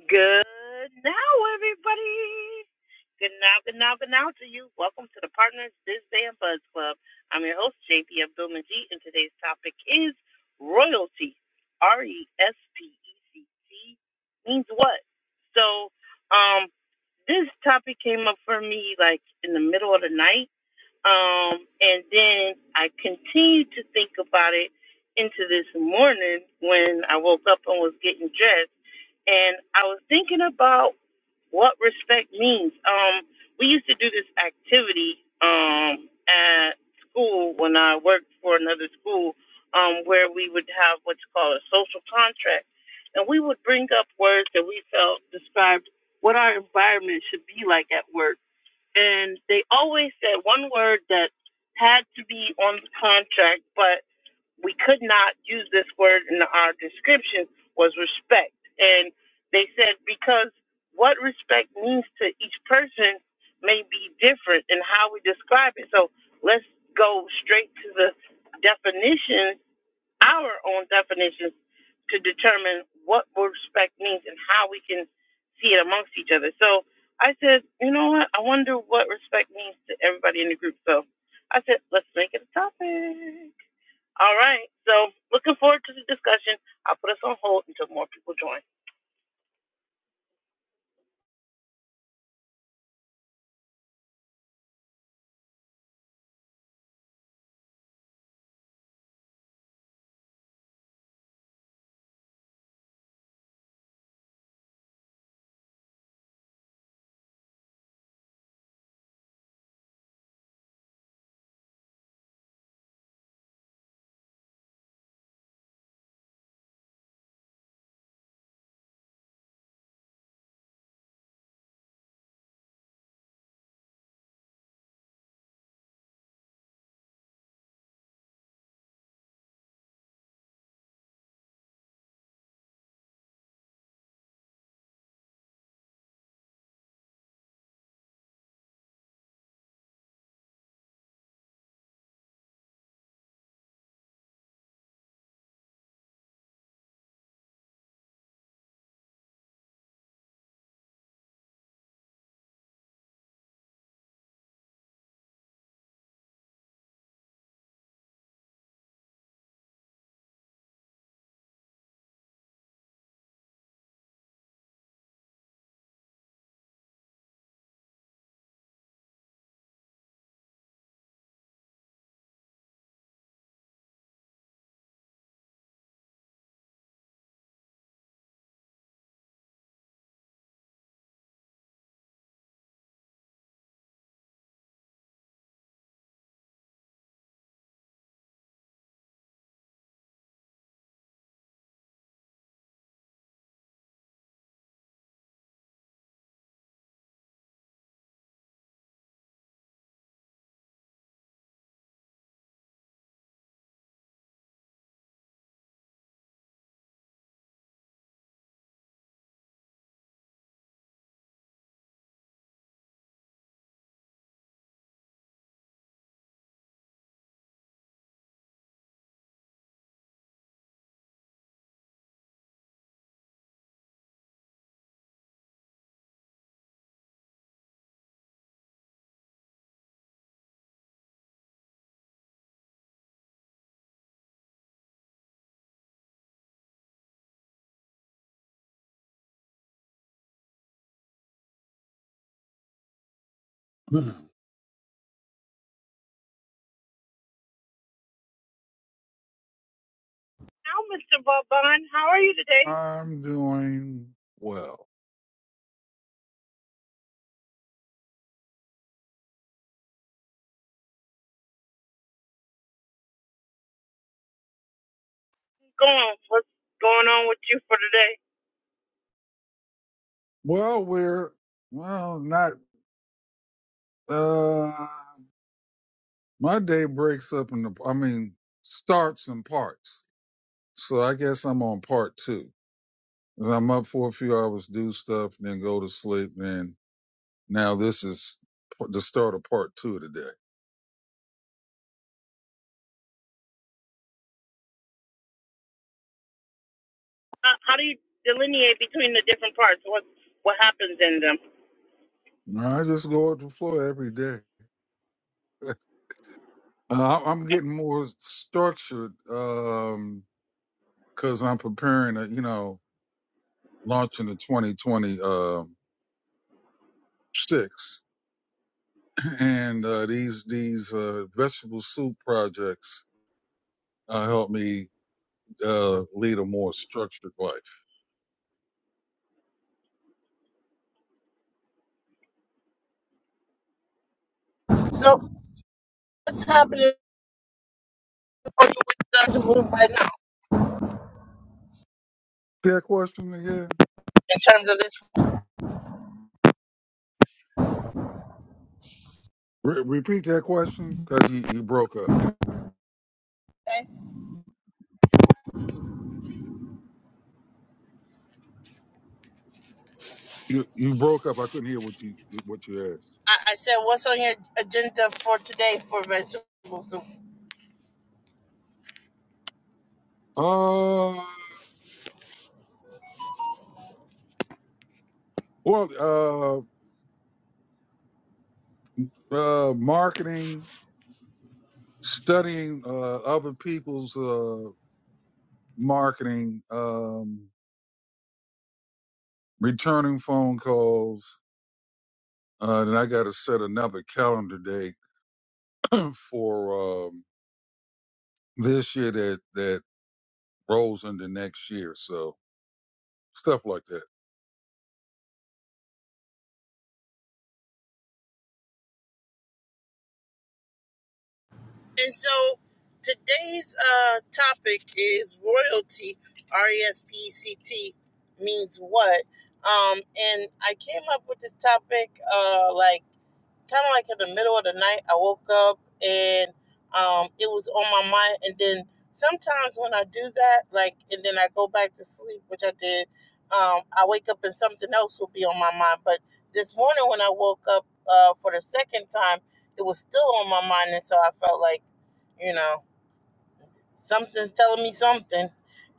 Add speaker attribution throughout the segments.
Speaker 1: Good now, everybody. Good now, good now, good now to you. Welcome to the Partners Biz Band Buzz Club. I'm your host, JP Abdul Majid, and today's topic is royalty. R E S P E C T means what? So, um, this topic came up for me like in the middle of the night um, and then I continued to think about it into this morning when I woke up and was getting dressed. And I was thinking about what respect means. Um, we used to do this activity um, at school when I worked for another school um, where we would have what's called a social contract. And we would bring up words that we felt described what our environment should be like at work and they always said one word that had to be on the contract, but we could not use this word in our description was respect. And they said because what respect means to each person may be different in how we describe it. So let's go straight to the definition our own definitions to determine what respect means and how we can see it amongst each other. So I said, you know what? I wonder what respect means to everybody in the group. So I said, let's make it a topic. All right. So looking forward to the discussion. I'll put us on hold until more people join. Now, Mr. Vauban, how are you today?
Speaker 2: I'm doing well.
Speaker 1: What's going on? What's going on with you for today?
Speaker 2: Well, we're well, not uh my day breaks up in the I mean starts in parts. So I guess I'm on part 2. 'Cause I'm up for a few hours, do stuff, then go to sleep, then now this is the start of part 2 of the day.
Speaker 1: Uh, how do you delineate between the different parts? What what happens in them?
Speaker 2: No, I just go up the floor every day. Uh, I'm getting more structured um cuz I'm preparing to, you know, launching the 2020 um sticks, and uh, these these uh, vegetable soup projects uh, help me uh, lead a more structured life.
Speaker 1: So what's happening? Or you would just move right now
Speaker 2: That question again.
Speaker 1: in terms of this.
Speaker 2: Re- repeat that question because you, you broke up.
Speaker 1: Okay.
Speaker 2: You you broke up. I couldn't hear what you what you asked.
Speaker 1: I, I said, what's on your agenda for today for vegetable soup?
Speaker 2: Uh, well, uh, uh, marketing, studying uh, other people's uh, marketing, um, returning phone calls. Uh, then I got to set another calendar day for um, this year that that rolls into next year. So stuff like that.
Speaker 1: And so today's uh, topic is royalty. R E S P E C T means what? Um, and I came up with this topic uh, like kind of like in the middle of the night i woke up and um, it was on my mind and then sometimes when i do that like and then i go back to sleep which i did um, i wake up and something else will be on my mind but this morning when i woke up uh, for the second time it was still on my mind and so i felt like you know something's telling me something.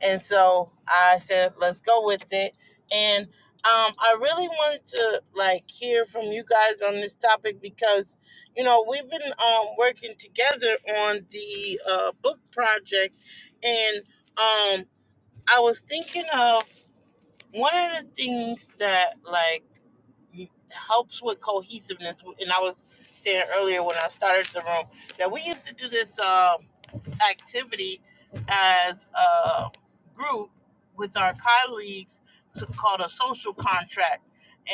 Speaker 1: And so I said, let's go with it. And um, I really wanted to like hear from you guys on this topic because, you know, we've been um, working together on the uh, book project. And um, I was thinking of one of the things that like helps with cohesiveness. And I was saying earlier when I started the room that we used to do this um, activity as a group with our colleagues to, called a social contract.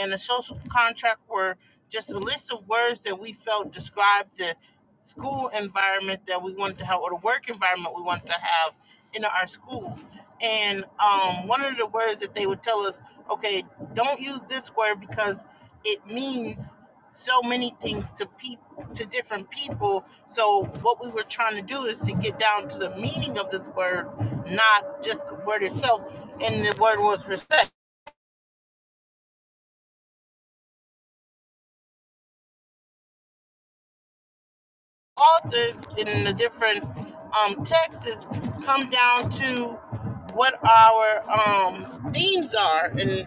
Speaker 1: And the social contract were just a list of words that we felt described the school environment that we wanted to have or the work environment we wanted to have in our school. And um, one of the words that they would tell us, okay, don't use this word because it means so many things to peop to different people. So what we were trying to do is to get down to the meaning of this word, not just the word itself. And the word was respect. authors in the different um, texts come down to what our um, themes are. And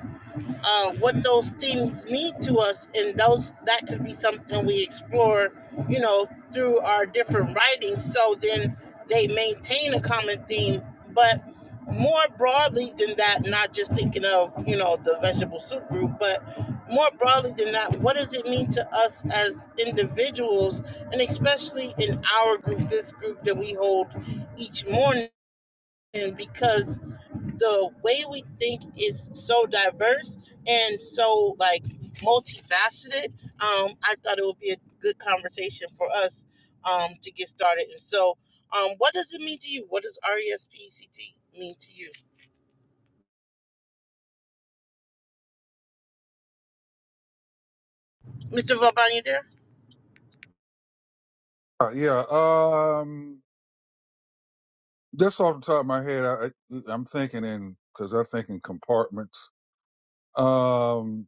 Speaker 1: uh, what those things mean to us and those that could be something we explore you know through our different writings so then they maintain a common theme but more broadly than that not just thinking of you know the vegetable soup group but more broadly than that what does it mean to us as individuals and especially in our group this group that we hold each morning because the way we think is so diverse and so like multifaceted. Um, I thought it would be a good conversation for us um, to get started. And so, um, what does it mean to you? What does RESPECT mean to you, Mr. Vauban? You there?
Speaker 2: Uh, yeah. Um, just off the top of my head, I, I, I'm thinking in because I think in compartments. Um,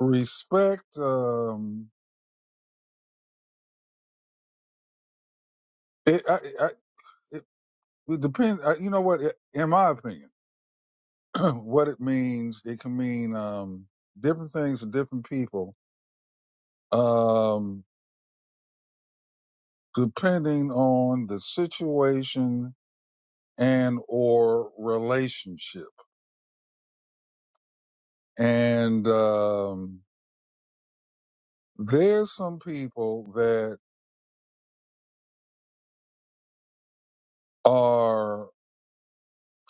Speaker 2: respect. Um, it, I, I, it, it depends. I, you know what? It, in my opinion, what it means, it can mean um, different things to different people. Um, depending on the situation and or relationship. And um, there's some people that are,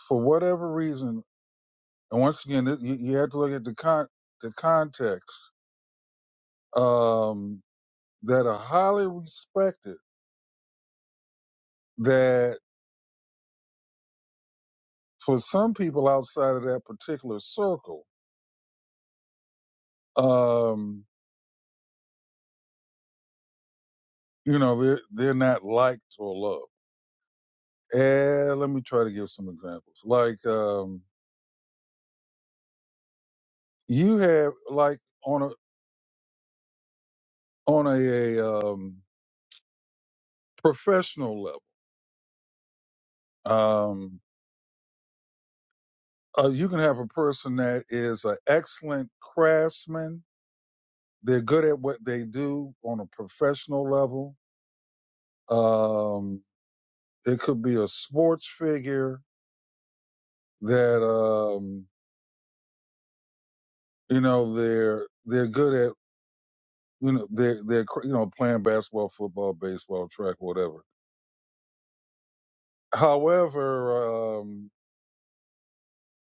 Speaker 2: for whatever reason, and once again, th- you, you have to look at the con- the context um, that are highly respected. That for some people outside of that particular circle, um, you know, they're they're not liked or loved. And let me try to give some examples. Like um, you have like on a on a, a um, professional level. Um, uh, you can have a person that is an excellent craftsman. They're good at what they do on a professional level. Um, it could be a sports figure that um, you know they're they're good at you know they're they're cr- you know playing basketball, football, baseball, track, whatever. However, um,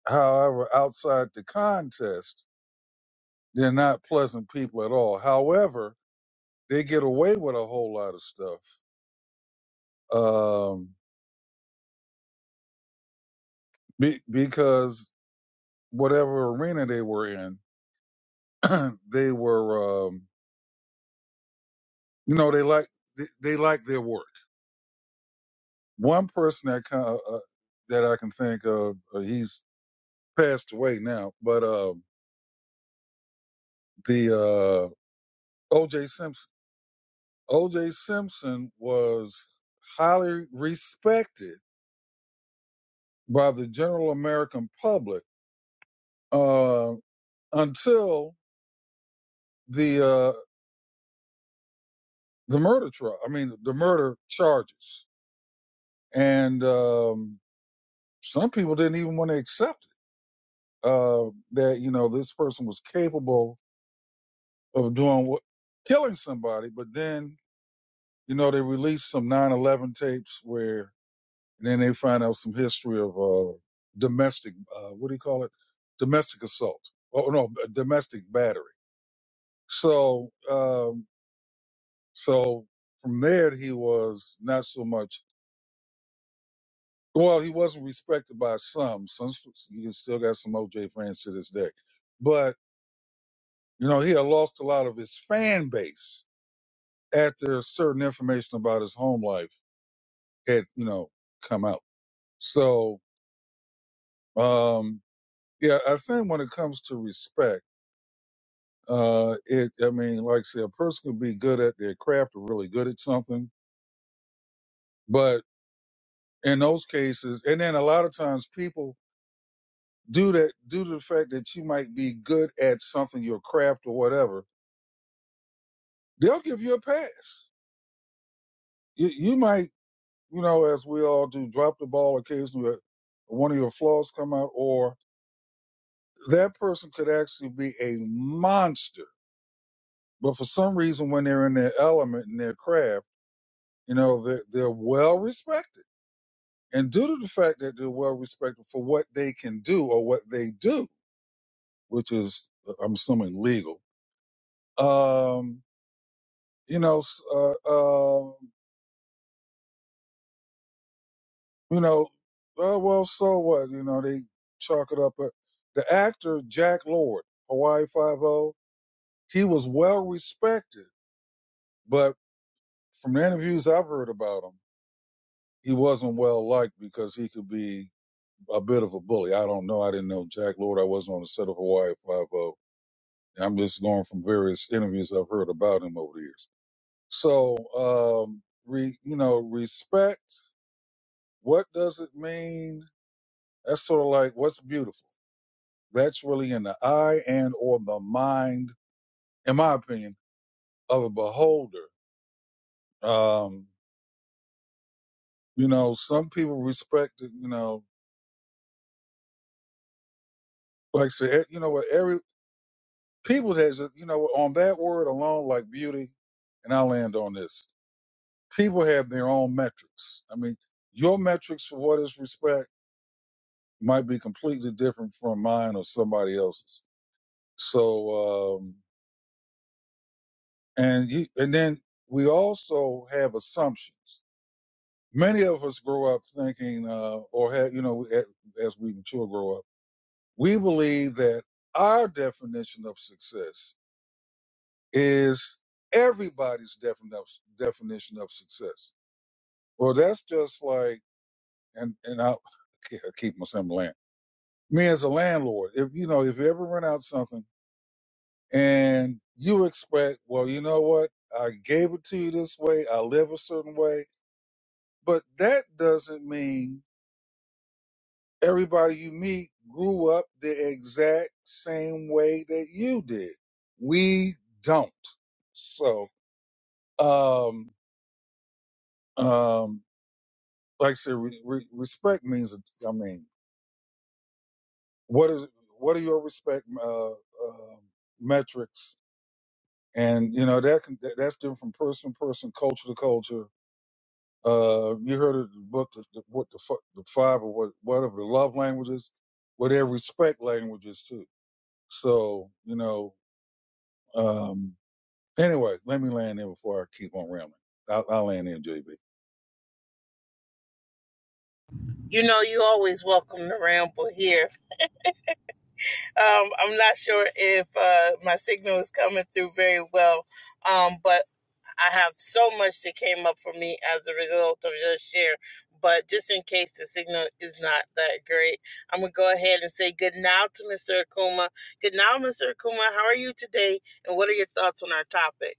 Speaker 2: however, outside the contest, they're not pleasant people at all. However, they get away with a whole lot of stuff um, be, because whatever arena they were in, they were, um, you know, they like they, they like their work. One person that kind of, uh, that I can think of, uh, he's passed away now, but uh, the uh, O.J. Simpson. O.J. Simpson was highly respected by the general American public uh, until the uh, the murder trial. I mean, the murder charges. And um, some people didn't even want to accept it uh, that you know this person was capable of doing what, killing somebody. But then you know they released some 9/11 tapes where, and then they find out some history of uh, domestic, uh, what do you call it, domestic assault? Oh no, domestic battery. So, um, so from there he was not so much Well, he wasn't respected by some. Some you still got some OJ fans to this day, but you know he had lost a lot of his fan base after certain information about his home life had you know come out. So um, yeah, I think when it comes to respect, uh, it I mean, like I said, a person can be good at their craft or really good at something, but in those cases, and then a lot of times people do that due to the fact that you might be good at something, your craft or whatever they'll give you a pass. You, you might, you know, as we all do, drop the ball occasionally. uh, One of your flaws come out, or that person could actually be a monster. But for some reason, when they're in their element in their craft, you know, they're, they're well respected. And due to the fact that they're well respected for what they can do or what they do, which is, uh, I'm assuming, legal, um, you know, s- uh, um, you know, uh, well, so what? You know, they chalk it up. But the actor Jack Lord, Hawaii Five O, he was well respected, but from the interviews I've heard about him, he wasn't well liked because he could be a bit of a bully. I don't know. I didn't know Jack Lord. I wasn't on the set of Hawaii Five O. I'm just going from various interviews I've heard about him over the years. So, um, re, you know, respect. What does it mean? That's sort of like what's beautiful. That's really in the eye and or the mind, in my opinion, of a beholder. Um, you know, some people respect it, you know, like I said, eh, you know what, every people has a- you know, on that word alone, like beauty, and I'll end on this. People have their own metrics. I mean, your metrics for what is respect might be completely different from mine or somebody else's. So, um, and you, and then we also have assumptions. many of us grow up thinking, uh, or have, you know, as we mature, grow up, we believe that our definition of success is everybody's defin- of- definition of success. Well, that's just like, and and I, I keep my same land. Me as a landlord, if you know, if you ever rent out something and you expect, well, you know what, I gave it to you this way, I live a certain way, but that doesn't mean everybody you meet grew up the exact same way that you did. We don't. So, um, um, like I said, re- re- respect means, I mean, what is, what are your respect, uh, uh, metrics? And, you know, that can, that, that's different from person to person, culture to culture. Uh, you heard of the book, the, the, what the, fu- the five or what, whatever the love languages, well, their respect languages too. So, you know, Um, anyway, let me land there before I keep on rambling. I'll, I'll land there, JB.
Speaker 1: You know, you always welcome to ramble here. Um, I'm not sure if uh, my signal is coming through very well, um, but I have so much that came up for me as a result of your share, but just in case the signal is not that great, I'm gonna go ahead and say good now to Mr. Akuma. Good now, Mr. Akuma. How are you today, and what are your thoughts on our topic?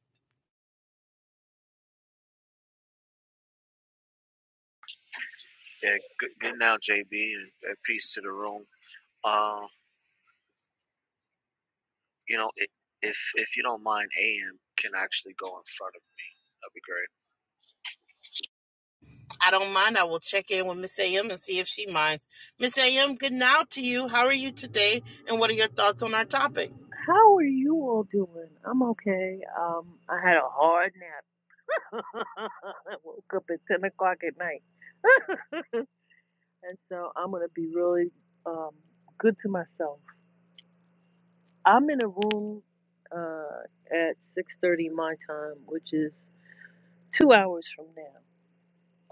Speaker 3: Yeah, good, good now, JB, and uh, peace to the room. Uh, you know, i if if you don't mind, AM can actually go in front of me. That'd be great.
Speaker 1: I don't mind. I will check in with Miss AM and see if she minds. Miss AM, good now to you. How are you today, and what are your thoughts on our topic?
Speaker 4: How are you all doing? I'm okay. Um, I had a hard nap. I woke up at 10 o'clock at night. and so I'm going to be really um, good to myself. I'm in a room uh, at 6.30 my time, which is two hours from now,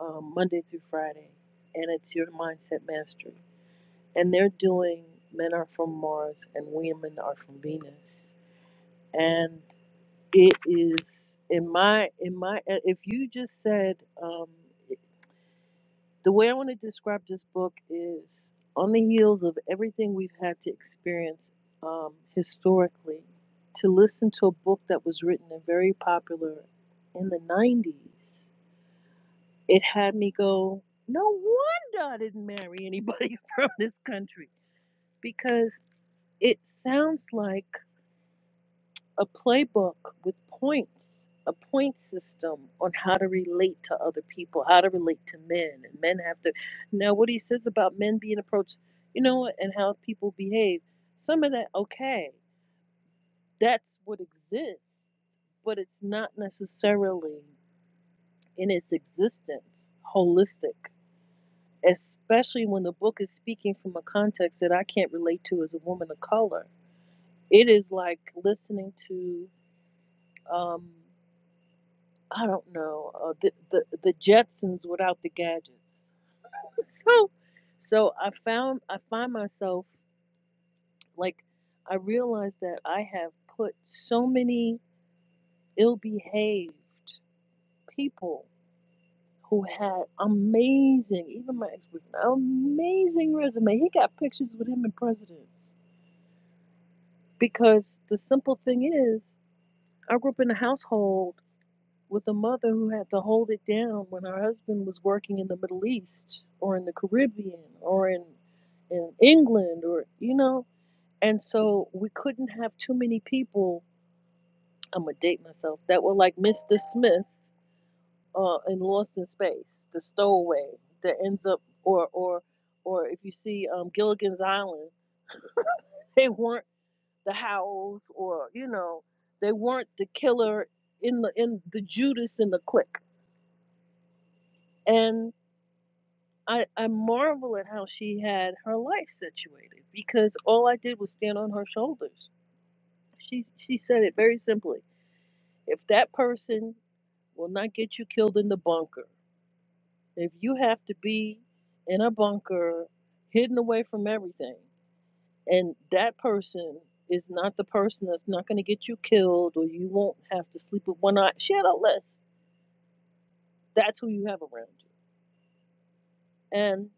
Speaker 4: um, Monday through Friday. And it's Your Mindset Mastery. And they're doing Men Are From Mars and Women Are From Venus. and. it is in my in my if you just said um, the way i want to describe this book is on the heels of everything we've had to experience um, historically to listen to a book that was written and very popular in the 90s it had me go no wonder i didn't marry anybody from this country because it sounds like a playbook with points, a point system on how to relate to other people, how to relate to men. And men have to. Now, what he says about men being approached, you know, and how people behave, some of that, okay, that's what exists, but it's not necessarily in its existence holistic. Especially when the book is speaking from a context that I can't relate to as a woman of color. It is like listening to um, I don't know uh, the, the the Jetsons without the gadgets. so so I found I find myself like I realize that I have put so many ill-behaved people who had amazing even my ex-boyfriend amazing resume. He got pictures with him and presidents because the simple thing is I grew up in a household with a mother who had to hold it down when her husband was working in the Middle East or in the Caribbean or in in England or you know and so we couldn't have too many people I'm gonna date myself that were like Mr. Smith uh in Lost in Space the stowaway that ends up or or or if you see um Gilligan's Island they weren't the Howells or you know they weren't the killer in the in the Judas in the clique and I, I marvel at how she had her life situated because all I did was stand on her shoulders. She she said it very simply. If that person will not get you killed in the bunker, if you have to be in a bunker, hidden away from everything, and that person is not the person that's not going to get you killed or you won't have to sleep with one eye. She had a list. That's who you have around you. and.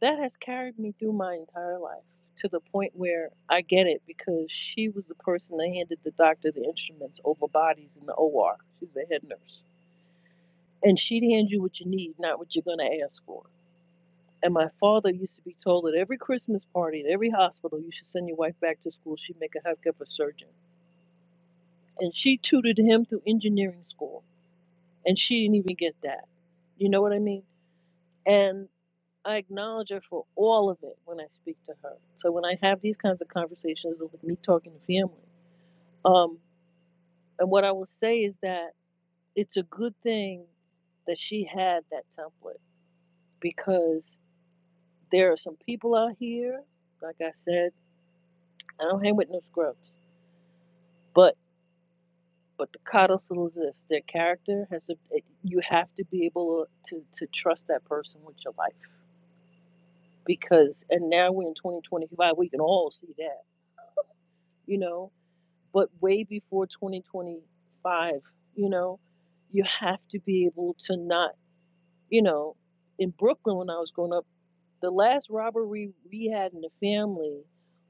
Speaker 4: that has carried me through my entire life to the point where I get it because she was the person that handed the doctor the instruments over bodies in the OR. She's a head nurse. And she'd hand you what you need, not what you're going to ask for. And my father used to be told at every Christmas party, at every hospital, you should send your wife back to school. She'd make a heck of a surgeon. And she tutored him through engineering school. And she didn't even get that. You know what I mean? And I acknowledge her for all of it when I speak to her. So when I have these kinds of conversations with me talking to family, um, and what I will say is that it's a good thing that she had that template because there are some people out here, like I said, I don't hang with no scrubs, but but the coddle still exists. Their character has to. you have to be able to to trust that person with your life because. And now we're in 2025. We can all see that, you know. but way before 2025, you know, you have to be able to not, you know, in Brooklyn when I was growing up, the last robbery we had in the family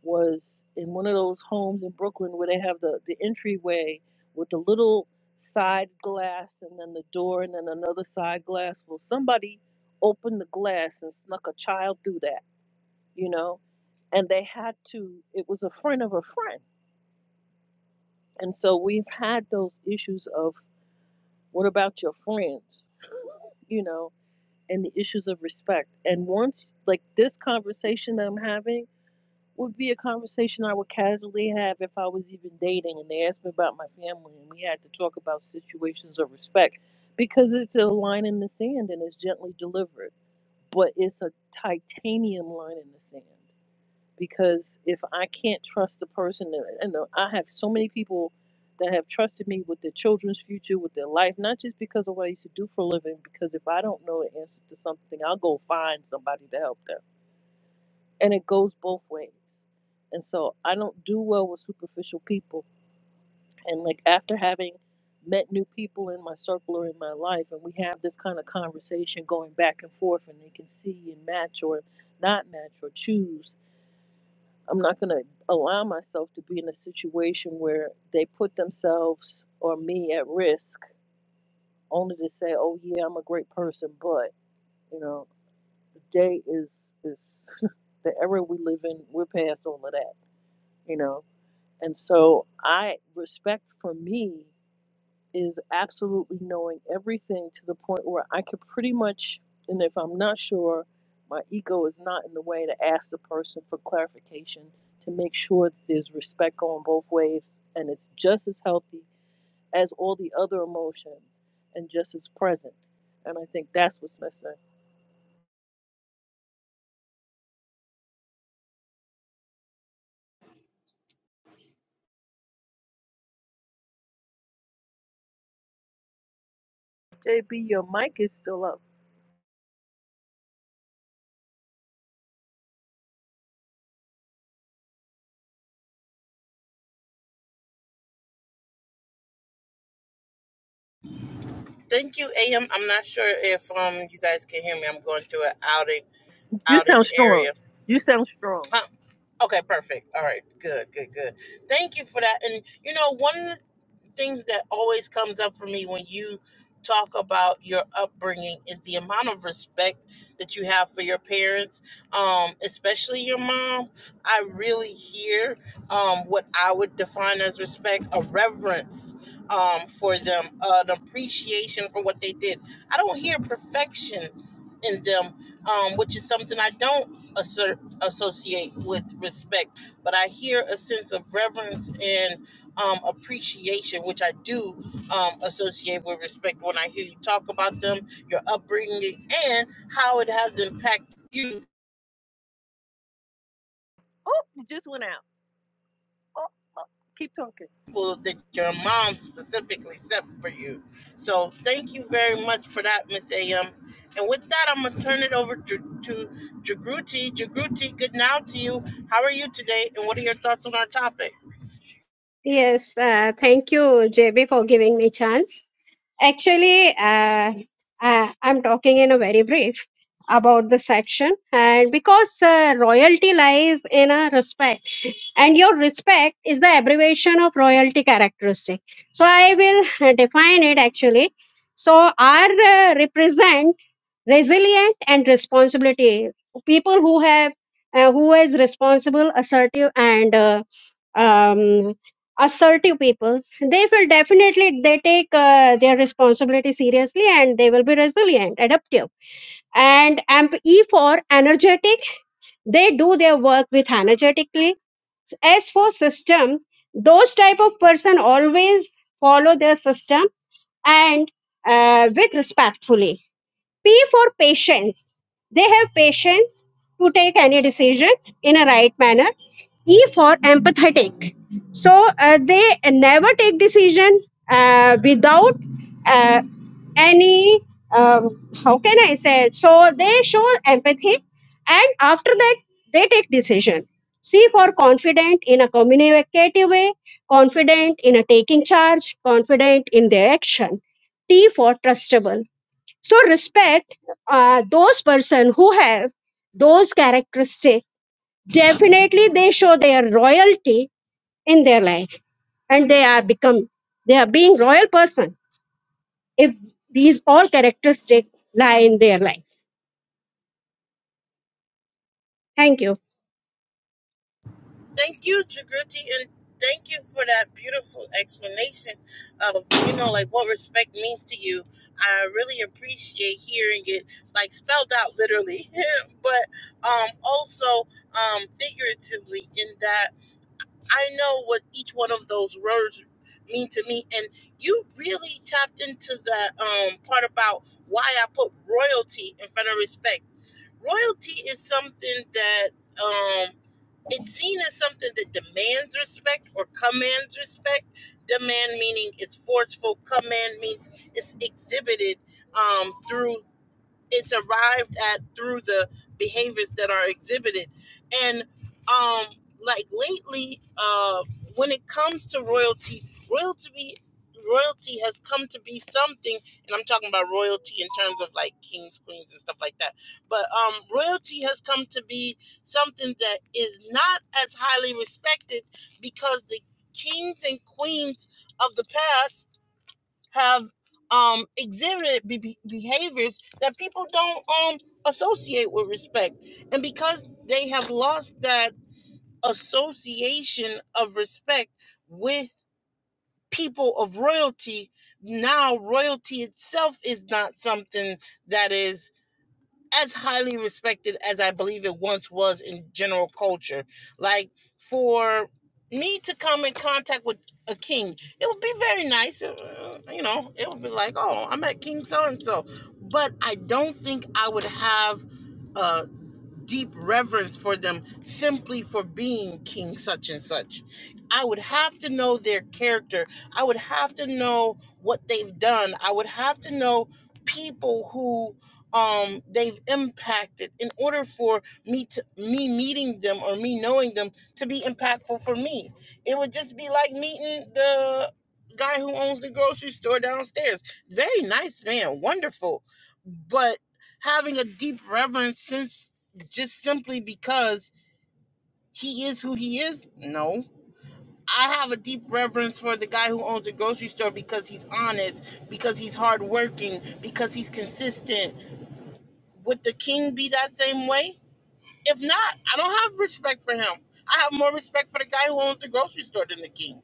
Speaker 4: was in one of those homes in Brooklyn where they have the, the entryway with the little side glass and then the door and then another side glass. Well, somebody opened the glass and snuck a child through that, you know, and they had to, it was a friend of a friend and so we've had those issues of what about your friends, you know, and the issues of respect. And once, like this conversation that I'm having would be a conversation I would casually have if I was even dating and they asked me about my family and we had to talk about situations of respect because it's a line in the sand and it's gently delivered, but it's a titanium line in the sand because if I can't trust the person, and uh, I have so many people that have trusted me with their children's future, with their life, not just because of what I used to do for a living, because if I don't know the answer to something, I'll go find somebody to help them. And it goes both ways. And so I don't do well with superficial people. And like after having met new people in my circle or in my life, and we have this kind of conversation going back and forth, and they can see and match or not match or choose I'm not going to allow myself to be in a situation where they put themselves or me at risk only to say, "Oh yeah, I'm a great person," but you know, the day is is the era we live in. We're past all of that, you know. And so I respect for me is absolutely knowing everything to the point where I can pretty much, and if I'm not sure, my ego is not in the way to ask the person for clarification to make sure that there's respect going both ways and it's just as healthy as all the other emotions and just as present. And I think that's what's missing. JB, your mic is still up.
Speaker 1: Thank you, AM. I'm not sure if um you guys can hear me. I'm going through an outage
Speaker 4: You sound
Speaker 1: outage
Speaker 4: strong.
Speaker 1: area.
Speaker 4: You sound strong.
Speaker 1: Uh, Okay, perfect. All right, good, good, good. Thank you for that. And you know, one of the things that always comes up for me when you talk about your upbringing is the amount of respect that you have for your parents um, especially your mom i really hear um, what i would define as respect a reverence um, for them an appreciation for what they did i don't hear perfection in them um, which is something i don't assert, associate with respect but i hear a sense of reverence and um, appreciation, which I do um, associate with respect when I hear you talk about them, your upbringing, and how it has impacted you,
Speaker 4: Oh, you just went out. Oh, oh, keep talking.
Speaker 1: people that your mom specifically set for you. So thank you very much for that, Miss AM. And with that, I'm going to turn it over to, to Jagruti. Jagruti, good now to you. How are you today, and what are your thoughts on our topic?
Speaker 5: Yes, uh, thank you, JB, for giving me chance. Actually, uh, uh, I'm talking in a very brief about the section, and because uh, royalty lies in a respect, and your respect is the abbreviation of royalty characteristic. So I will uh, define it actually. So R uh, represent resilient and responsibility people who have uh, who is responsible, assertive, and uh, um, assertive people, they will definitely they take uh, their responsibility seriously and they will be resilient, adaptive. And amp E for energetic, they do their work with energetically. S for system, those type of person always follow their system and uh, with respectfully. P for patience, they have patience to take any decision in a right manner E for empathetic. So uh, they never take decision uh, without uh, any. Um, how can I say? So they show empathy, and after that they take decision. C for confident in a communicative way, confident in a taking charge, confident in their action. T for trustable. So respect uh, those person who have those characteristics definitely they show their royalty in their life and they are become they are being royal person if these all characteristics lie in their life thank you
Speaker 1: Thank you, Jagruti, and thank you for that beautiful explanation of you know like what respect means to you. I really appreciate hearing it like spelled out literally, but um also um figuratively in that I know what each one of those words mean to me, and you really tapped into that um part about why I put royalty in front of respect. Royalty is something that um, it's seen as something that demands respect or commands respect. Demand meaning it's forceful. Command means it's exhibited um, through it's arrived at through the behaviors that are exhibited and um like lately uh when it comes to royalty royalty royalty has come to be something and i'm talking about royalty in terms of like kings queens and stuff like that but um royalty has come to be something that is not as highly respected because the kings and queens of the past have um exhibited be- behaviors that people don't um associate with respect and because they have lost that association of respect with people of royalty now royalty itself is not something that is as highly respected as I believe it once was in general culture. Like for me to come in contact with a king, it would be very nice. uh, uh, you know, it would be like, oh, i met King so and so. But I don't think I would have. uh, deep reverence for them simply for being King such and such. I would have to know their character. I would have to know what they've done. I would have to know people who um they've impacted in order for me to me meeting them or me knowing them to be impactful for me. It would just be like meeting the guy who owns the grocery store downstairs. Very nice man, wonderful. But having a deep reverence since just simply because he is who he is? No. I have a deep reverence for the guy who owns the grocery store because he's honest, because he's hardworking, because he's consistent. Would the king be that same way? If not, I don't have respect for him. I have more respect for the guy who owns the grocery store than the king.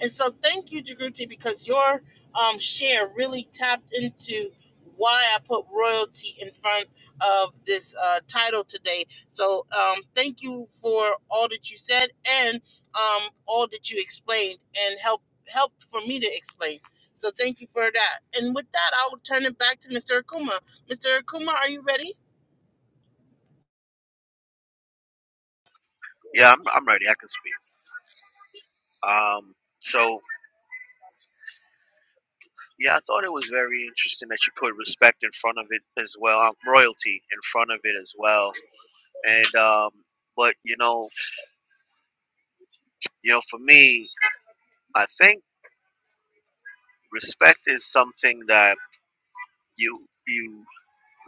Speaker 1: And so thank you, Jagruti, because your um, share really tapped into why I put royalty in front of this uh, title today. So um, thank you for all that you said and um, all that you explained and helped helped for me to explain. So thank you for that. And with that, I'll turn it back to Mr. Akuma. Mr. Eddie?
Speaker 3: Yeah, I'm I'm ready. I can speak. Um, so yeah, I thought it was very interesting that you put respect in front of it as well, um, royalty in front of it as well, and um, but you know, you know, for me, I think respect is something that you you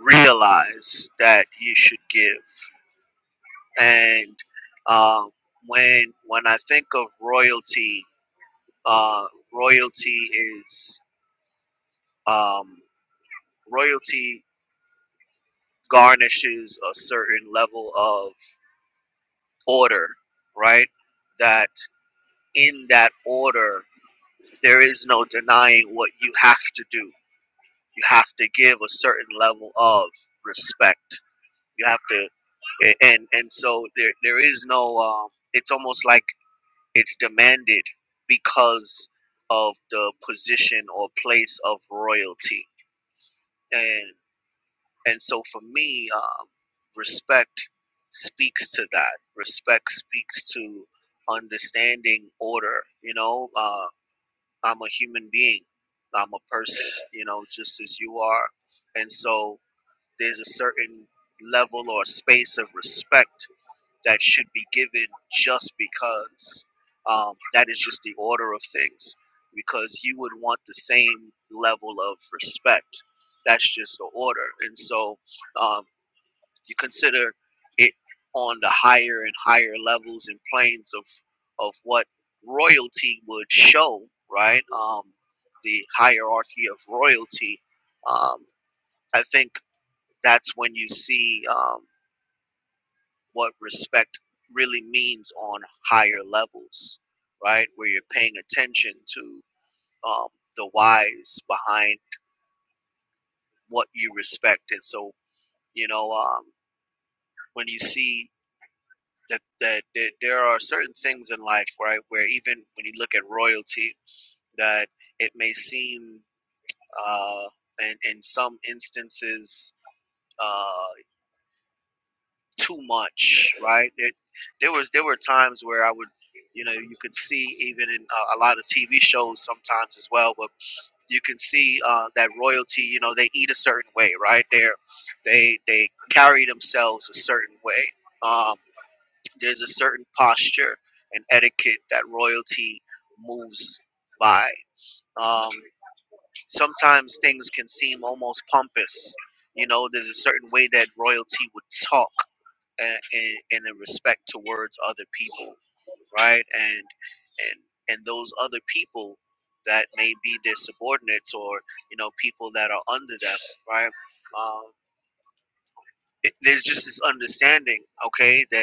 Speaker 3: realize that you should give. and um, when when I think of royalty, uh, royalty is um, royalty garnishes a certain level of order, right? That in that order, there is no denying what you have to do. You have to give a certain level of respect. You have to, and and so there there is no. Um, it's almost like It's demanded because of the position or place of royalty, and and so for me, um, respect speaks to that. Respect speaks to understanding order. You know, uh, I'm a human being. I'm a person. You know, just as you are, and so there's a certain level or space of respect that should be given just because um, that is just the order of things because you would want the same level of respect that's just the order and so um, you consider it on the higher and higher levels and planes of of what royalty would show right um, the hierarchy of royalty um, i think that's when you see um, what respect really means on higher levels, right? Where you're paying attention to um, the whys behind what you respect. And so, you know, um, when you see that, that, that there are certain things in life, right, where even when you look at royalty, that it may seem uh, in, in some instances, uh, too much, right? There, there was there were times where I would, you know, you could see even in uh, a lot of TV shows sometimes as well, but you can see uh, that royalty. You know, they eat a certain way, right? They they they carry themselves a certain way. Um, there's a certain posture and etiquette that royalty moves by. Um, sometimes things can seem almost pompous. You know, there's a certain way that royalty would talk and, and, and the respect towards other people, right? And and and those other people that may be their subordinates or you know people that are under them, right? Um, it, there's just this understanding, okay, that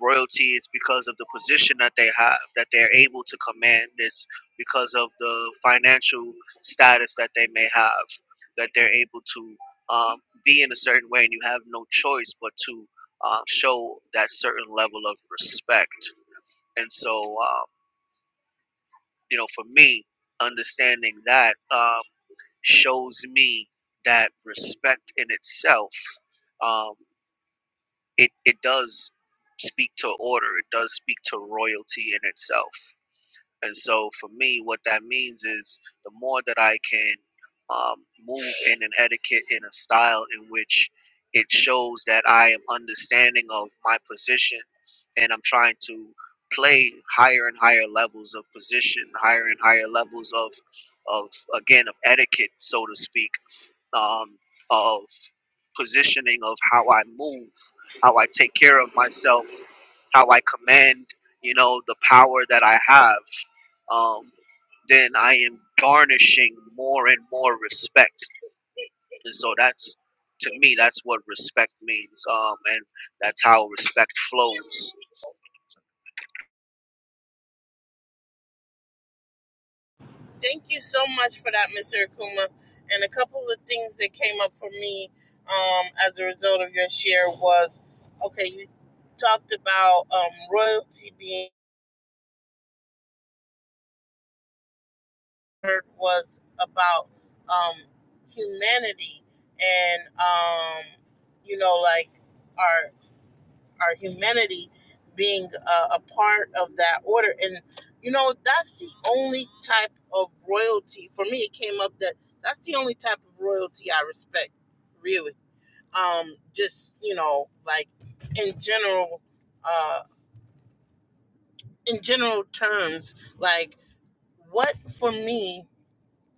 Speaker 3: royalty is because of the position that they have that they're able to command it's because of the financial status that they may have that they're able to um, be in a certain way and you have no choice but to uh, show that certain level of respect and so um, you know for me understanding that um, shows me that respect in itself um, it it does speak to order it does speak to royalty in itself and so for me what that means is the more that i can um, move in an etiquette in a style in which it shows that i am understanding of my position and i'm trying to play higher and higher levels of position higher and higher levels of of again of etiquette so to speak um, of positioning of how I move, how I take care of myself, how I command, you know, the power that I have, um, then I am garnishing more and more respect. And so that's, to me, that's what respect means. Um, and that's how respect flows.
Speaker 1: Thank you so much for that, Mr. Akuma. And a couple of things that came up for me um, as a result of your share was okay, you talked about um, royalty being heard was about um, humanity and, um, you know, like our our humanity being uh, a part of that order. And you know, that's the only type of royalty for me. It came up that that's the only type of royalty I respect, really. Um, just you know, like in general, uh, in general terms, like what for me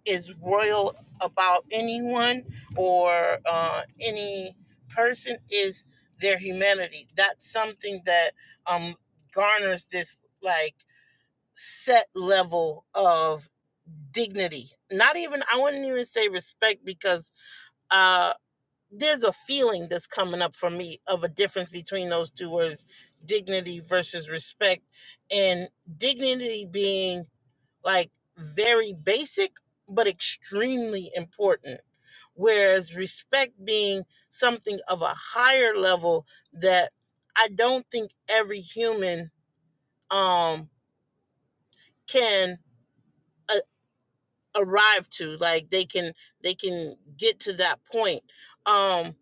Speaker 1: is royal about anyone or uh, any person is their humanity. That's something that um, garners this like set level of dignity. Not even I wouldn't even say respect because uh, there's a feeling that's coming up for me of a difference between those two words, dignity versus respect, and dignity being like very basic but extremely important whereas respect being something of a higher level that i don't think every human um can uh, arrive to like they can they can get to that point um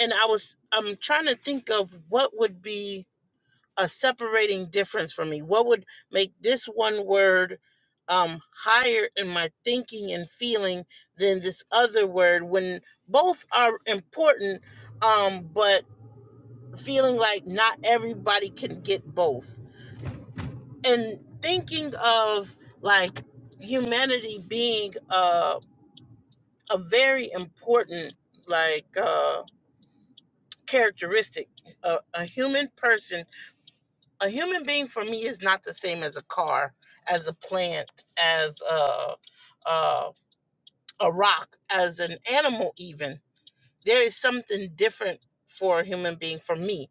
Speaker 1: and i was i'm trying to think of what would be a separating difference for me? What would make this one word um, higher in my thinking and feeling than this other word when both are important, um, but feeling like not everybody can get both? And thinking of like humanity being uh, a very important, like, uh, characteristic. A, a human person a human being for me is not the same as a car, as a plant, as a a, a rock, as an animal. Even there is something different for a human being for me,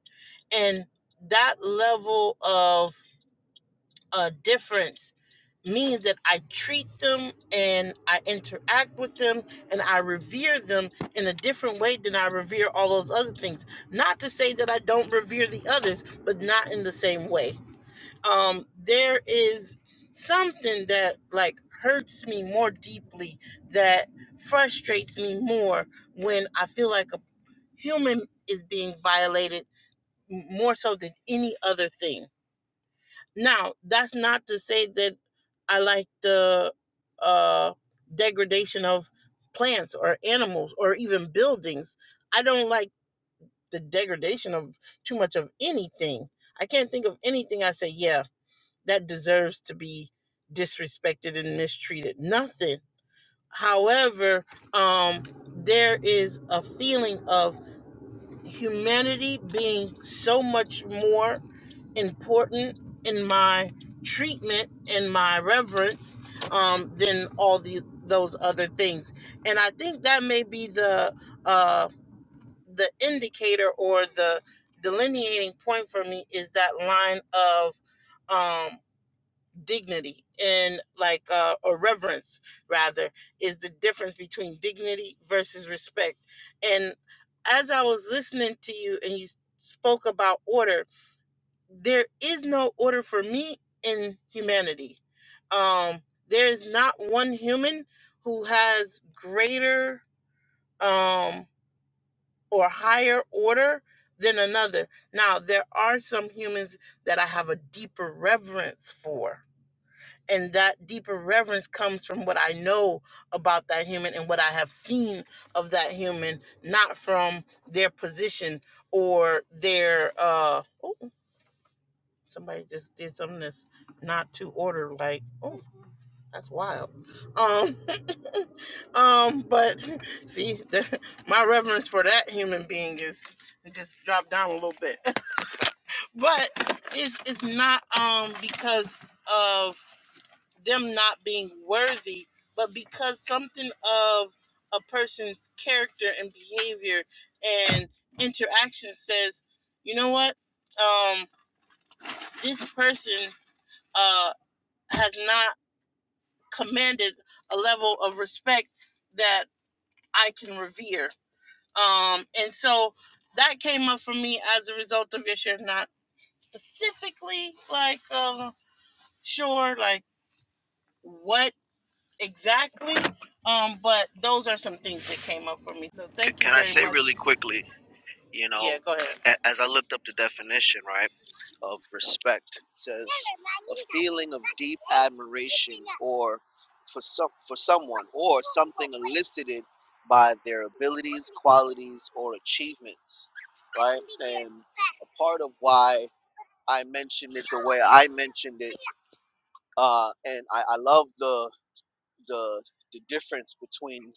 Speaker 1: and that level of uh, difference means that I treat them and I interact with them and I revere them in a different way than I revere all those other things. Not to say that I don't revere the others, but not in the same way um there is something that like hurts me more deeply that frustrates me more when i feel like a human is being violated m- more so than any other thing now that's not to say that i like the uh degradation of plants or animals or even buildings i don't like the degradation of too much of anything i can't think of anything i say yeah that deserves to be disrespected and mistreated. Nothing. However, um, there is a feeling of humanity being so much more important in my treatment and my reverence um, than all the those other things. And I think that may be the uh, the indicator or the delineating point for me is that line of um, dignity and like uh, or reverence rather is the difference between dignity versus respect and as i was listening to you and you spoke about order there is no order for me in humanity um there is not one human who has greater um or higher order than another now there are some humans that i have a deeper reverence for and that deeper reverence comes from what I know about that human and what I have seen of that human, not from their position or their uh oh somebody just did something that's not to order like oh that's wild um um but see the, my reverence for that human being is just dropped down a little bit but it's it's not um because of them not being worthy, but because something of a person's character and behavior and interaction says, you know what, um, this person uh, has not commanded a level of respect that I can revere. Um, and so that came up for me as a result of your share, not specifically like um, sure, like what exactly. Um, but those are some things that came up for me. So
Speaker 3: C-
Speaker 1: thank you
Speaker 3: can I
Speaker 1: very
Speaker 3: say
Speaker 1: much.
Speaker 3: really quickly? You
Speaker 1: Yeah,
Speaker 3: know,
Speaker 1: go ahead.
Speaker 3: a- as I looked up the definition, right, of respect, it says a feeling of deep admiration or for some for someone or something elicited by their abilities, qualities, or achievements, right? And a part of why I mentioned it the way I mentioned it, uh, and I, I love the the the difference between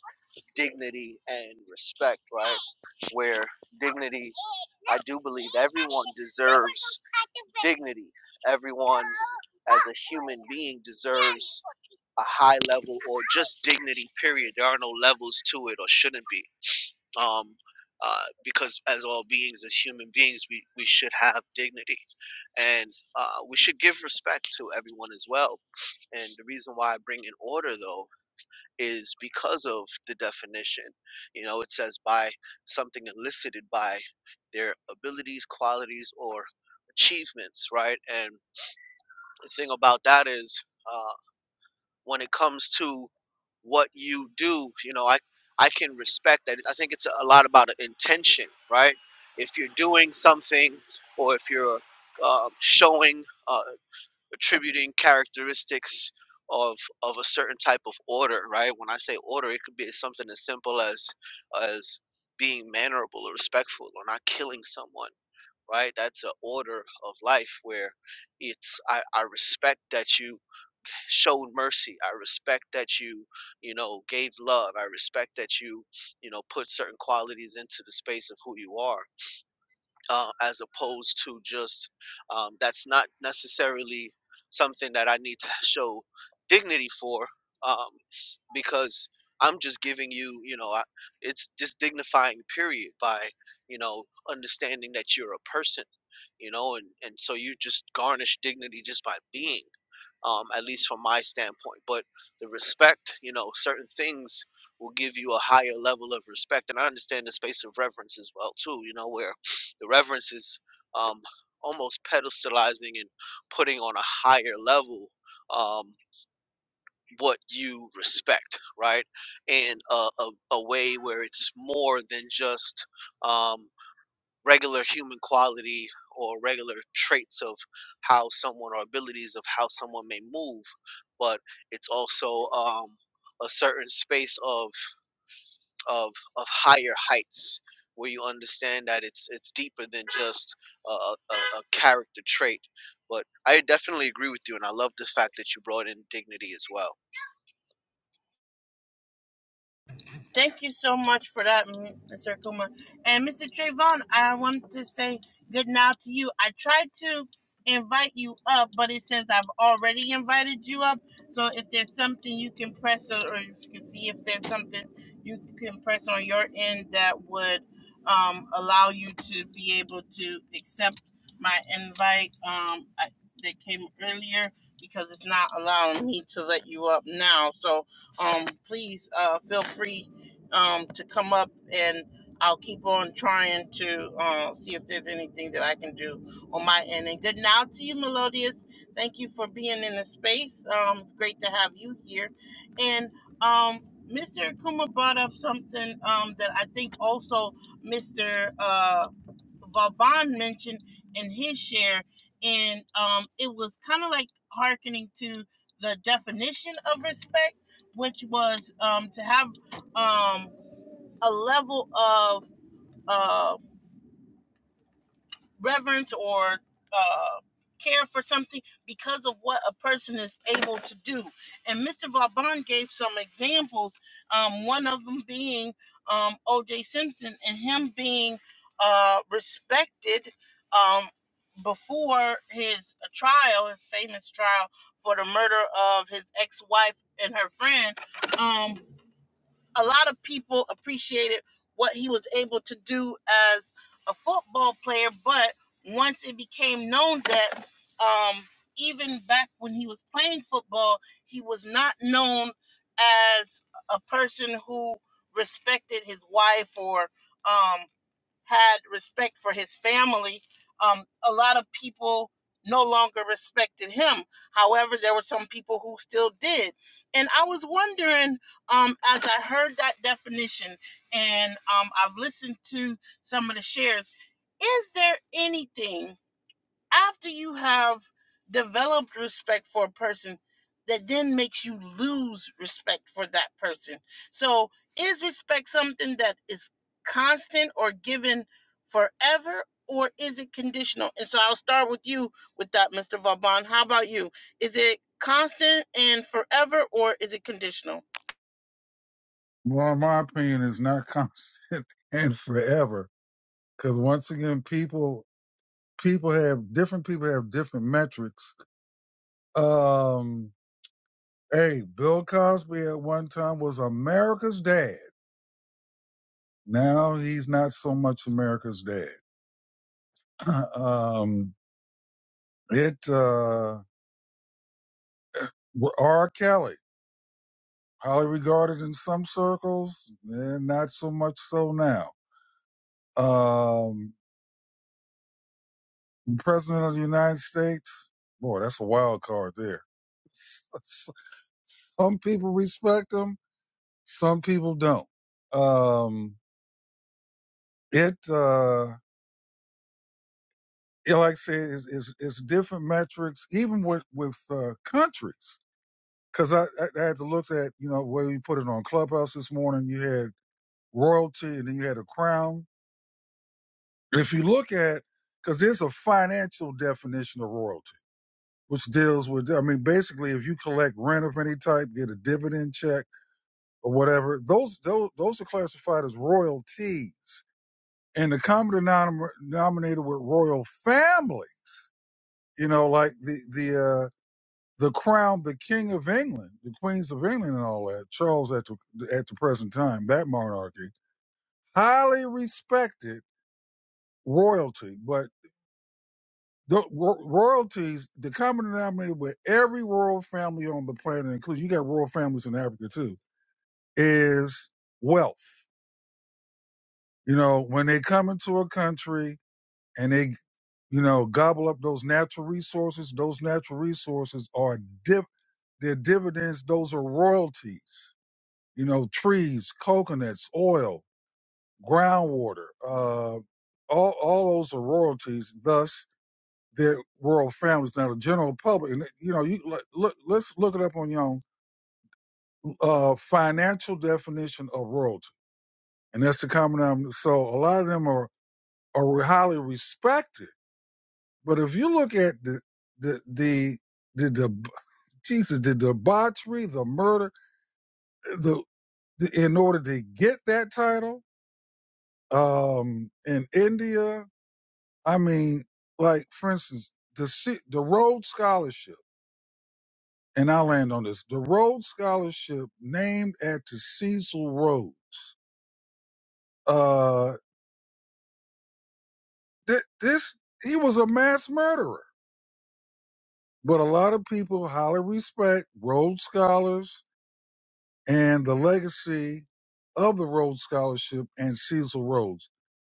Speaker 3: dignity and respect, right? where dignity, I do believe everyone deserves dignity. Everyone as a human being deserves a high level or just dignity, period. There are no levels to it or shouldn't be. Um, uh, because as all beings, as human beings, we, we should have dignity and uh, we should give respect to everyone as well. And the reason why I bring in order, though, is because of the definition. You know, it says by something elicited by their abilities, qualities, or achievements, right? And the thing about that is uh, when it comes to what you do, you know, I, I can respect that. I think it's a lot about intention, right? If you're doing something or if you're uh, showing, uh, attributing characteristics of of a certain type of order right when i say order it could be something as simple as as being mannerable or respectful or not killing someone right that's an order of life where it's I, I respect that you showed mercy i respect that you you know gave love i respect that you you know put certain qualities into the space of who you are uh, as opposed to just um, that's not necessarily something that I need to show dignity for um, because I'm just giving you, you know, I, it's just dignifying period by, you know, understanding that you're a person, you know, and, and so you just garnish dignity just by being um, at least from my standpoint. But the respect, you know, certain things will give you a higher level of respect, and I understand the space of reverence as well too. You know, where the reverence is um, almost pedestalizing and putting on a higher level um, what you respect, right? And a, a, a way where it's more than just um, regular human quality or regular traits of how someone or abilities of how someone may move but it's also um, a certain space of of of higher heights where you understand that it's it's deeper than just a, a, a character trait but i definitely agree with you and i love the fact that you brought in dignity as well
Speaker 1: Thank you so much for that, Mr. Akuma. And Mr. Trayvon, I wanted to say good now to you. I tried to invite you up, but it says I've already invited you up. So if there's something you can press or if you can see if there's something you can press on your end that would um, allow you to be able to accept my invite um, I, that came earlier because it's not allowing me to let you up now. So um, please uh, feel free um, to come up, and I'll keep on trying to uh, see if there's anything that I can do on my end. And good now to you, Melodious. Thank you for being in the space. Um, it's great to have you here. And um, Mr. Akuma brought up something um, that I think also Mr. Uh, Vauban mentioned in his share, and um, it was kind of like hearkening to the definition of respect, which was um, to have um, a level of uh, reverence or uh, care for something because of what a person is able to do. And Mr. Vauban gave some examples, um, one of them being um, O.J. Simpson and him being uh, respected um, before his trial, his famous trial for the murder of his ex wife and her friend. Um, a lot of people appreciated what he was able to do as a football player, but once it became known that um, even back when he was playing football, he was not known as a person who respected his wife or um, had respect for his family, um, a lot of people no longer respected him. However, there were some people who still did. And I was wondering, um, as I heard that definition and um, I've listened to some of the shares, is there anything? after you have developed respect for a person that then makes you lose respect for that person so is respect something that is constant or given forever or is it conditional and so i'll start with you with that mr vauban how about you is it constant and forever or is it conditional
Speaker 2: Well, my opinion is not constant and forever, because once again, people people have different people have different metrics. Um, hey, Bill Cosby at one time was America's dad. Now he's not so much America's dad. um, it uh, R. Kelly, highly regarded in some circles, and not so much so now Um, the president of the United States. Boy, that's a wild card there. Some people respect him, some people don't. Um, it, uh, yeah, like I said, is is it's different metrics, even with with uh, countries. Because I, I, I had to look at, you know, where you put it on Clubhouse this morning. You had royalty, and then you had a crown. If you look at, because there's a financial definition of royalty which deals with I mean basically if you collect rent of any type, get a dividend check or whatever, those those those are classified as royalties. And the common denominator with royal family, you know, like the the uh, the crown, the king of England, the queens of England, and all that. Charles at the at the present time, that monarchy, highly respected royalty, but the ro- royalties, the common denominator with every royal family on the planet, including you got royal families in Africa too is wealth. You know, when they come into a country and they, you know, gobble up those natural resources, those natural resources are div- their dividends, those are royalties. You know, trees, coconuts, oil, groundwater, uh, all, all those are royalties. Thus, their are royal families. Now, the general public, and you know, you look, look- let's look it up on your own uh, financial definition of royalty. And that's the common denominator. So a lot of them are are highly respected. But if you look at the the the the, the Jesus, the debauchery, the murder, the, the in order to get that title, um, in India, I mean, like for instance, the Si- the Rhodes Scholarship, and I land on this, the Rhodes Scholarship named after Cecil Rhodes. Uh, th- this he was a mass murderer, but a lot of people highly respect Rhodes scholars and the legacy of the Rhodes Scholarship and Cecil Rhodes.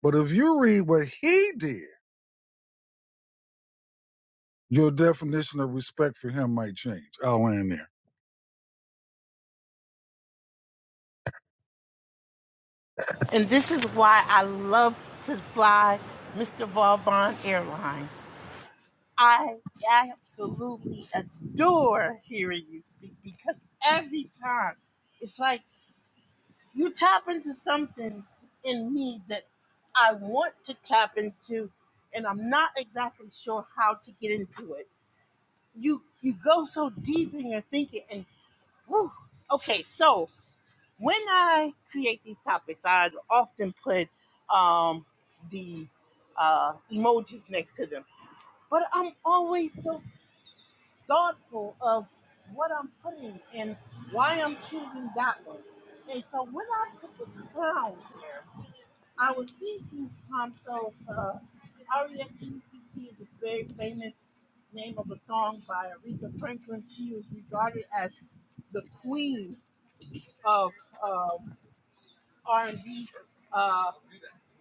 Speaker 2: But if you read what he did, your definition of respect for him might change. I'll land there.
Speaker 1: And this is why I love to fly Mr. Vauban Airlines. I absolutely adore hearing you speak because every time it's like you tap into something in me that I want to tap into and I'm not exactly sure how to get into it. You you go so deep in your thinking and whew. okay, so when I create these topics, I often put um, the uh, emojis next to them. But I'm always so thoughtful of what I'm putting and why I'm choosing that one. And so when I put this down, I was thinking to myself, uh, R.E.M.P.C.T. is a very famous name of a song by Aretha Franklin. She was regarded as the queen of um R&B. Uh,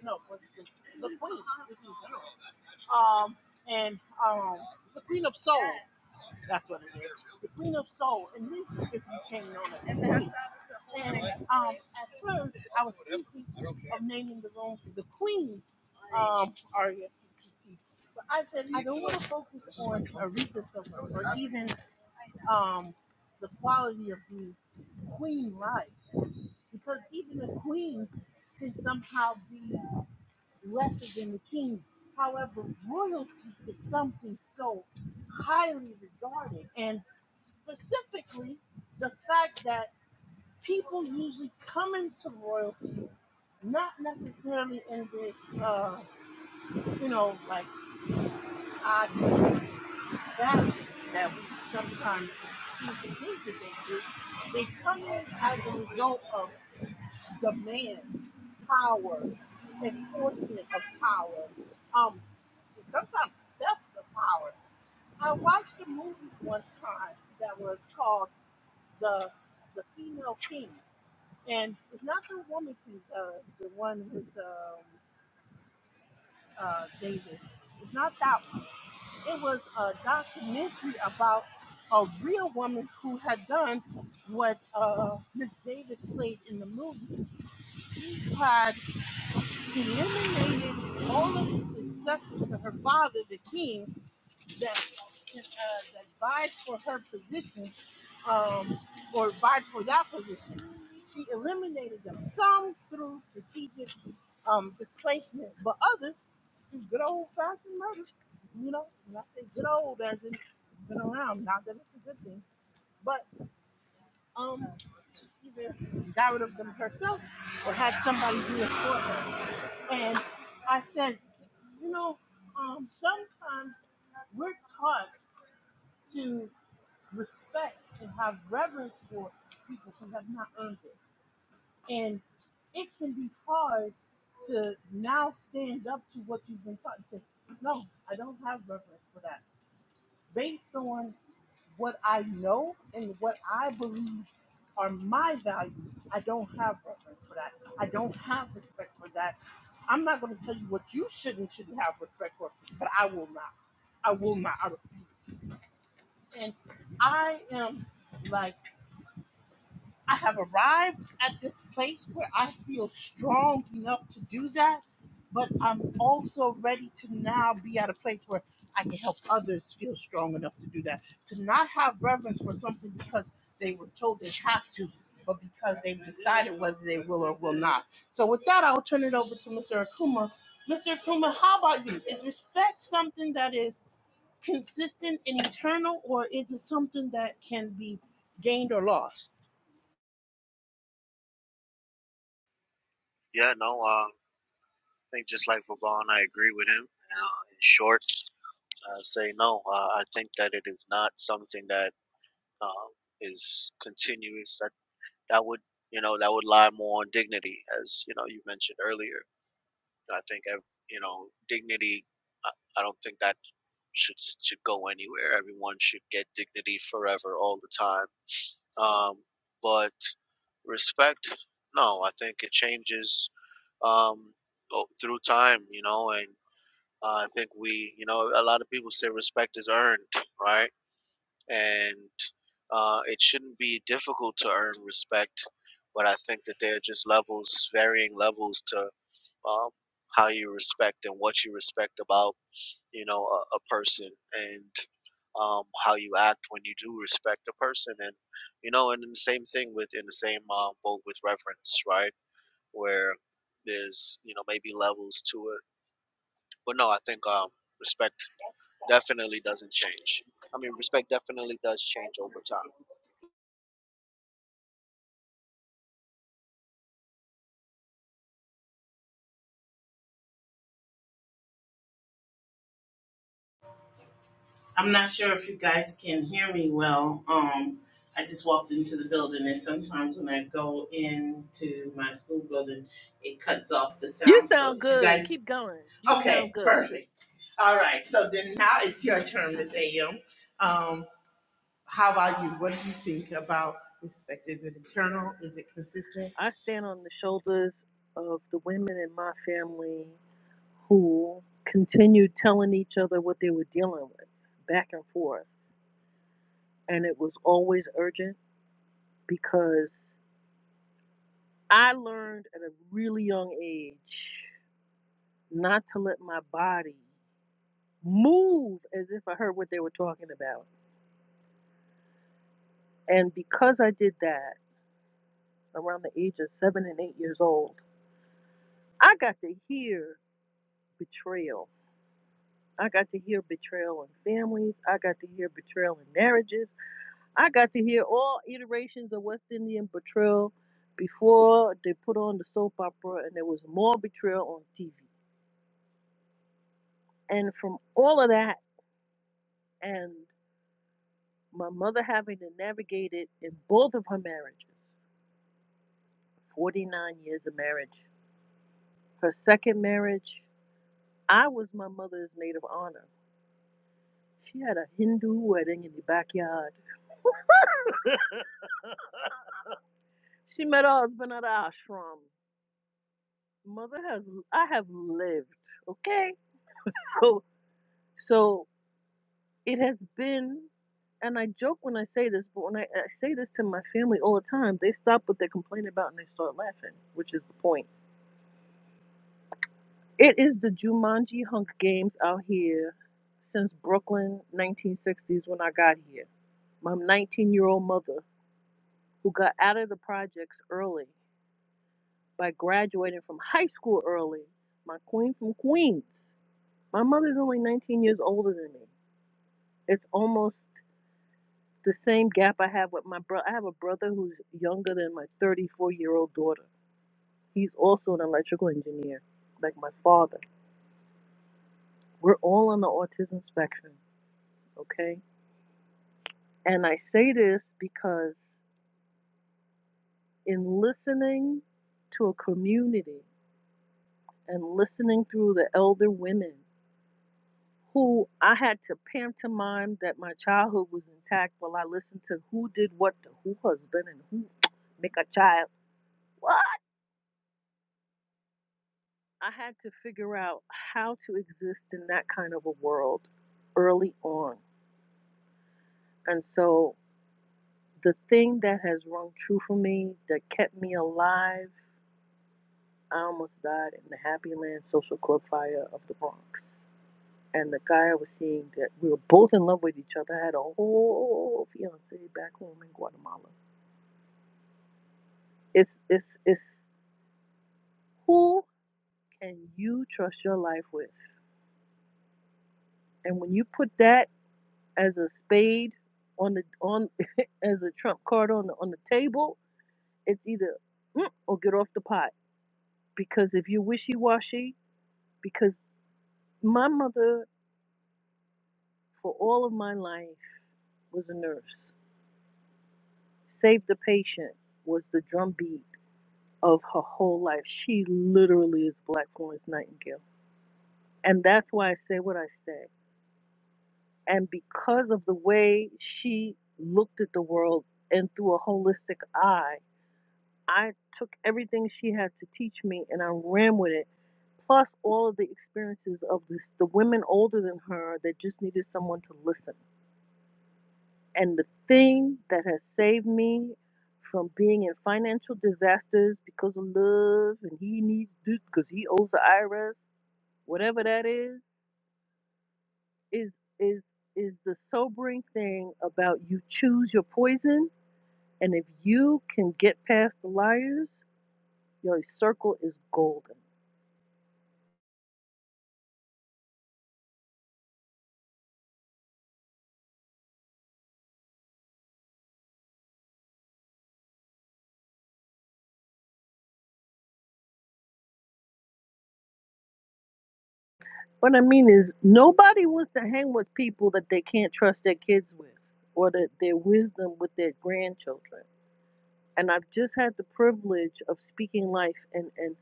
Speaker 1: no, what is it? the queen. Um, and um, the queen of soul. That's what it is. The Queen of Soul, and then she just became known as the Queen. And um, at first, I was thinking of naming the room the Queen um, Aria But I said I don't want to focus on a recent of her or even um, the quality of the Queen life, because even the Queen can somehow be lesser than the King. However, royalty is something so highly regarded. and specifically the fact that people usually come into royalty not necessarily in this, uh, you know, like odd fashion that we sometimes see the businesses. They come in as a result of demand, power, enforcement of power. Um, sometimes theft of power. I watched a movie one time that was called the the Female King And it's not the woman who's uh, the one with um, uh, David. It's not that. It was a documentary about a real woman who had done what uh, Miss David played in the movie. She had eliminated all of the successors to her father, the king, that uh, that vied for her position, um, or vied for that position. She eliminated them some through strategic um, displacement, but others through good old fashioned murder. You know, when I say good old, as in it's been around. Not that it's a good thing, but um, she either died of them herself or had somebody do it for her. And I said, you know, um, sometimes we're taught to respect and have reverence for people who have not earned it. And it can be hard to now stand up to what you've been taught and say, no, I don't have reverence for that. Based on what I know and what I believe are my values, I don't have reverence for that. I don't have respect for that. I'm not going to tell you what you should and shouldn't have respect for, but I will not. I will not. I refuse. And I am like I have arrived at this place where I feel strong enough to do that, but I'm also ready to now be at a place where I can help others feel strong enough to do that. To not have reverence for something because they were told they have to, but because they've decided whether they will or will not. So, with that, I'll turn it over to Mr. Akuma. Mr. Akuma, how about you? Is respect something that is consistent and eternal, or is it something that can be gained or lost?
Speaker 3: yeah no uh, i think just like Vaughn, i agree with him uh, in short uh, say no. Uh, I think that it is not something that um, is continuous. That that would you know that would lie more on dignity, as you know you mentioned earlier. I think ev- you know dignity. I, I don't think that should should go anywhere. Everyone should get dignity forever, all the time. Um, but respect, no, I think it changes um, o- through time. You know, and uh, I think we, you know, a lot of people say respect is earned, right? and uh, it shouldn't be difficult to earn respect. But I think that there are just levels, varying levels to um, how you respect and what you respect about you know a, a person and um, how you act when you do respect a person. And you know, and then the same thing with in the same um, boat with reverence, right? Where there's you know maybe levels to it, but no, I think um, respect definitely doesn't change. I mean, respect definitely does change over time.
Speaker 1: I'm not sure if you guys can hear me well. Um, I just walked into the building, and sometimes when I go into my school building, it cuts off the
Speaker 4: You
Speaker 1: sound. So
Speaker 4: sound
Speaker 1: if you
Speaker 4: good.
Speaker 1: guys,
Speaker 4: Keep going. You sound
Speaker 1: okay,
Speaker 4: good.
Speaker 1: perfect. All right. So then now it's your turn, Miss A.M. Um, how about you? What do you think about respect? Is it eternal? Is it consistent?
Speaker 4: I stand on the shoulders of the women in my family who continued telling each other what they were dealing with back and forth. And it was always urgent because I learned at a really young age not to let my body move as if I heard what they were talking about. And because I did that around the age of seven and eight years old, I got to hear betrayal I got to hear betrayal in families. I got to hear betrayal in marriages. I got to hear all iterations of West Indian betrayal before they put on the soap opera, and there was more betrayal on TV. And from all of that, and my mother having to navigate it in both of her marriages 49 years of marriage. Her second marriage, I was my mother's maid of honor. She had a Hindu wedding in the backyard. She met her husband at the ashram. Mother has I have lived, okay? So so it has been and I joke when I say this, but when I, I say this to my family all the time, they stop what they're complaining about and they start laughing, which is the point. It is the Jumanji Hunk Games out here since Brooklyn 1960s when I got here. My 19 year old mother, who got out of the projects early by graduating from high school early, my queen from Queens. My mother's only 19 years older than me. it's almost the same gap I have with my brother. I have a brother who's younger than my 34 year old daughter. He's also an electrical engineer, like my father. We're all on the autism spectrum, okay? And I say this because in listening to a community and listening through the elder women who I had to pantomime that my childhood was intact while I listened to who did what to who husband and who make a child. What? I had to figure out how to exist in that kind of a world early on. And so the thing that has rung true for me, that kept me alive, I almost died in the Happy Land Social Club fire of the Bronx. And the guy I was seeing that we were both in love with each other. I had a whole fiance back home in Guatemala. It's it's it's who can you trust your life with? And when you put that as a spade on the on as a trump card on the on the table, it's either mm, or get off the pot. Because if you wishy washy, because my mother for all of my life was a nurse, saved the patient was the drumbeat of her whole life. She literally is Black Florence Nightingale, and that's why I say what I say. And because of the way she looked at the world and through a holistic eye I took everything she had to teach me and I ran with it. Plus all of the experiences of this, the women older than her that just needed someone to listen. And the thing that has saved me from being in financial disasters because of love and he needs this because he owes the IRS, whatever that is, is is is the sobering thing about you choose your poison and if you can get past the liars, your circle is golden What I mean is, nobody wants to hang with people that they can't trust their kids with or that their wisdom with their grandchildren. And I've just had the privilege of speaking life and, and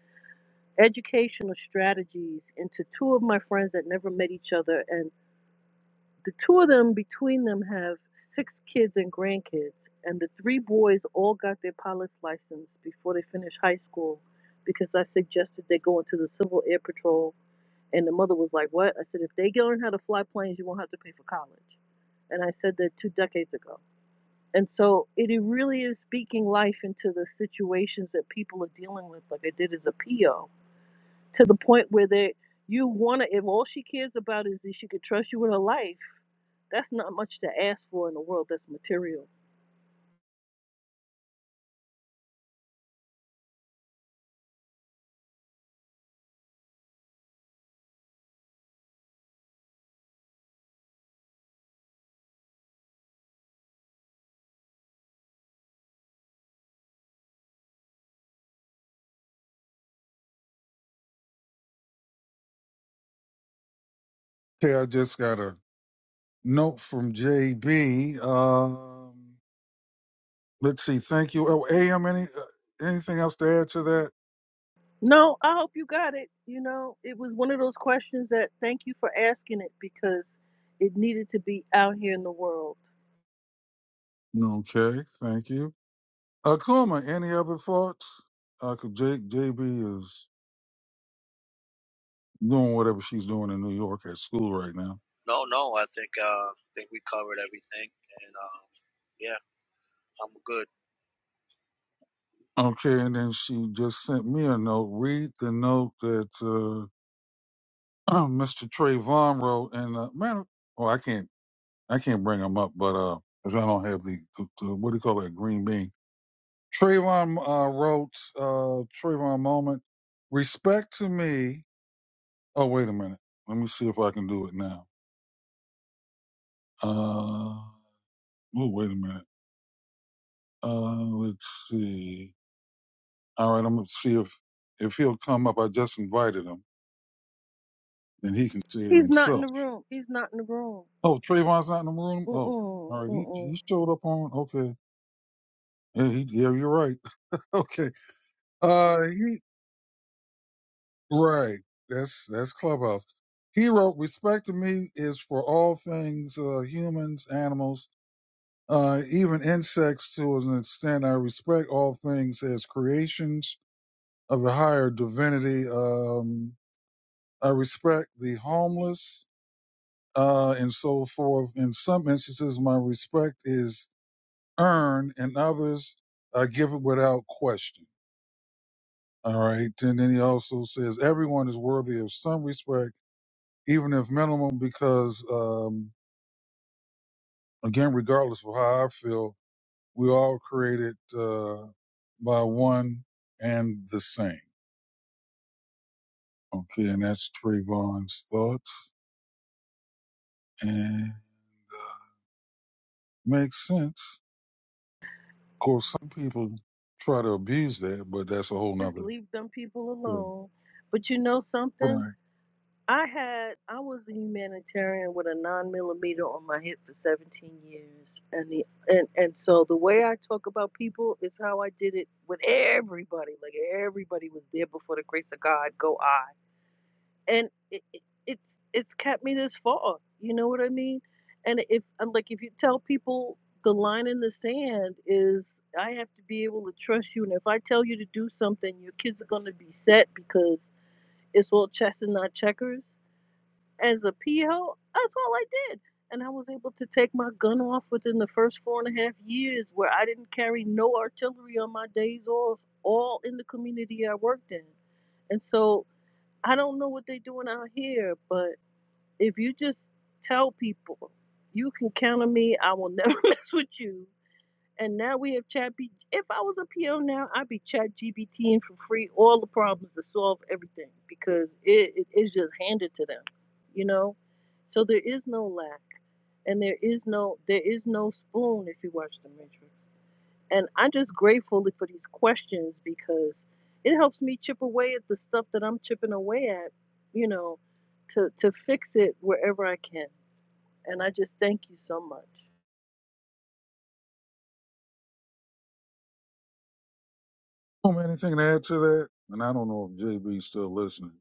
Speaker 4: educational strategies into two of my friends that never met each other. And the two of them, between them, have six kids and grandkids. And the three boys all got their pilot's license before they finished high school because I suggested they go into the Civil Air Patrol and the mother was like, What? I said, If they learn how to fly planes, you won't have to pay for college. And I said that two decades ago. And so it really is speaking life into the situations that people are dealing with, like I did as a PO, to the point where they, you want to, if all she cares about is that she could trust you with her life, that's not much to ask for in a world that's material.
Speaker 2: Okay, I just got a note from JB. Um, let's see. Thank you. Oh, AM, any, uh, anything else to add to that?
Speaker 4: No, I hope you got it. You know, it was one of those questions that thank you for asking it because it needed to be out here in the world
Speaker 2: Okay, thank you. Uh, Kuma, any other thoughts? Uh, 'cause J, JB is doing whatever she's doing in New York at school right now.
Speaker 3: No, no, I think uh, I think we covered everything, and um, yeah, I'm good.
Speaker 2: Okay, and then she just sent me a note. Read the note that uh, Mr. Trayvon wrote. And uh, man, oh, I can't, I can't bring him up, but uh, because I don't have the, the, the what do you call that green bean? Trayvon uh, wrote uh, Trayvon moment. Respect to me. Oh, wait a minute. Let me see if I can do it now. Uh, oh, wait a minute. Uh, let's see. All right, I'm gonna see if if he'll come up. I just invited him, and he can see it
Speaker 4: He's not in
Speaker 2: himself.
Speaker 4: the room. He's not in the room.
Speaker 2: Oh, Trayvon's not in the room. Oh,
Speaker 4: Mm-mm,
Speaker 2: all right. He
Speaker 4: mm-mm.
Speaker 2: he showed up on. Okay. Yeah, he, yeah you're right. Okay. Uh, he right. That's that's Clubhouse. He wrote, "Respect to me is for all things uh, humans, animals, uh, even insects. To an extent, I respect all things as creations of a higher divinity. Um, I respect the homeless." Uh, and so forth. In some instances, my respect is earn and others uh, give it without question. All right. And then he also says everyone is worthy of some respect, even if minimum, because, um, again, regardless of how I feel, we all created, uh, by one and the same. Okay. And that's Trayvon's thoughts and makes sense. Of course, some people try to abuse that, but that's a whole
Speaker 4: Let's
Speaker 2: nother
Speaker 4: leave them people
Speaker 2: story.
Speaker 4: alone. But you know something?
Speaker 2: Right.
Speaker 4: I had I was a humanitarian with a nine millimeter on my hip for 17 years, and the and and so the way I talk about people is how I did it with everybody. Like everybody was there before the grace of God. Go I. and it, it, it's it's kept me this far. You know what I mean? And if I'm like, if you tell people the line in the sand is, I have to be able to trust you, and if I tell you to do something, your kids are gonna be set because it's all chess and not checkers. As a P. O., that's all I did, and I was able to take my gun off within the first four and a half years, where I didn't carry no artillery on my days off, all in the community I worked in, and so. I don't know what they're doing out here, but if you just tell people you can count on me, I will never mess with you. And now we have Chat B. If I was a PO now, I'd be Chat GBTing for free all the problems to solve everything because it, it is just handed to them, you know. So there is no lack, and there is no there is no spoon if you watch The Matrix. And I'm just grateful for these questions because it helps me chip away at the stuff that I'm chipping away at, you know, to to fix it wherever I can and I just thank you so much.
Speaker 2: Oh man, anything to add to that? And I don't know if JB's still listening.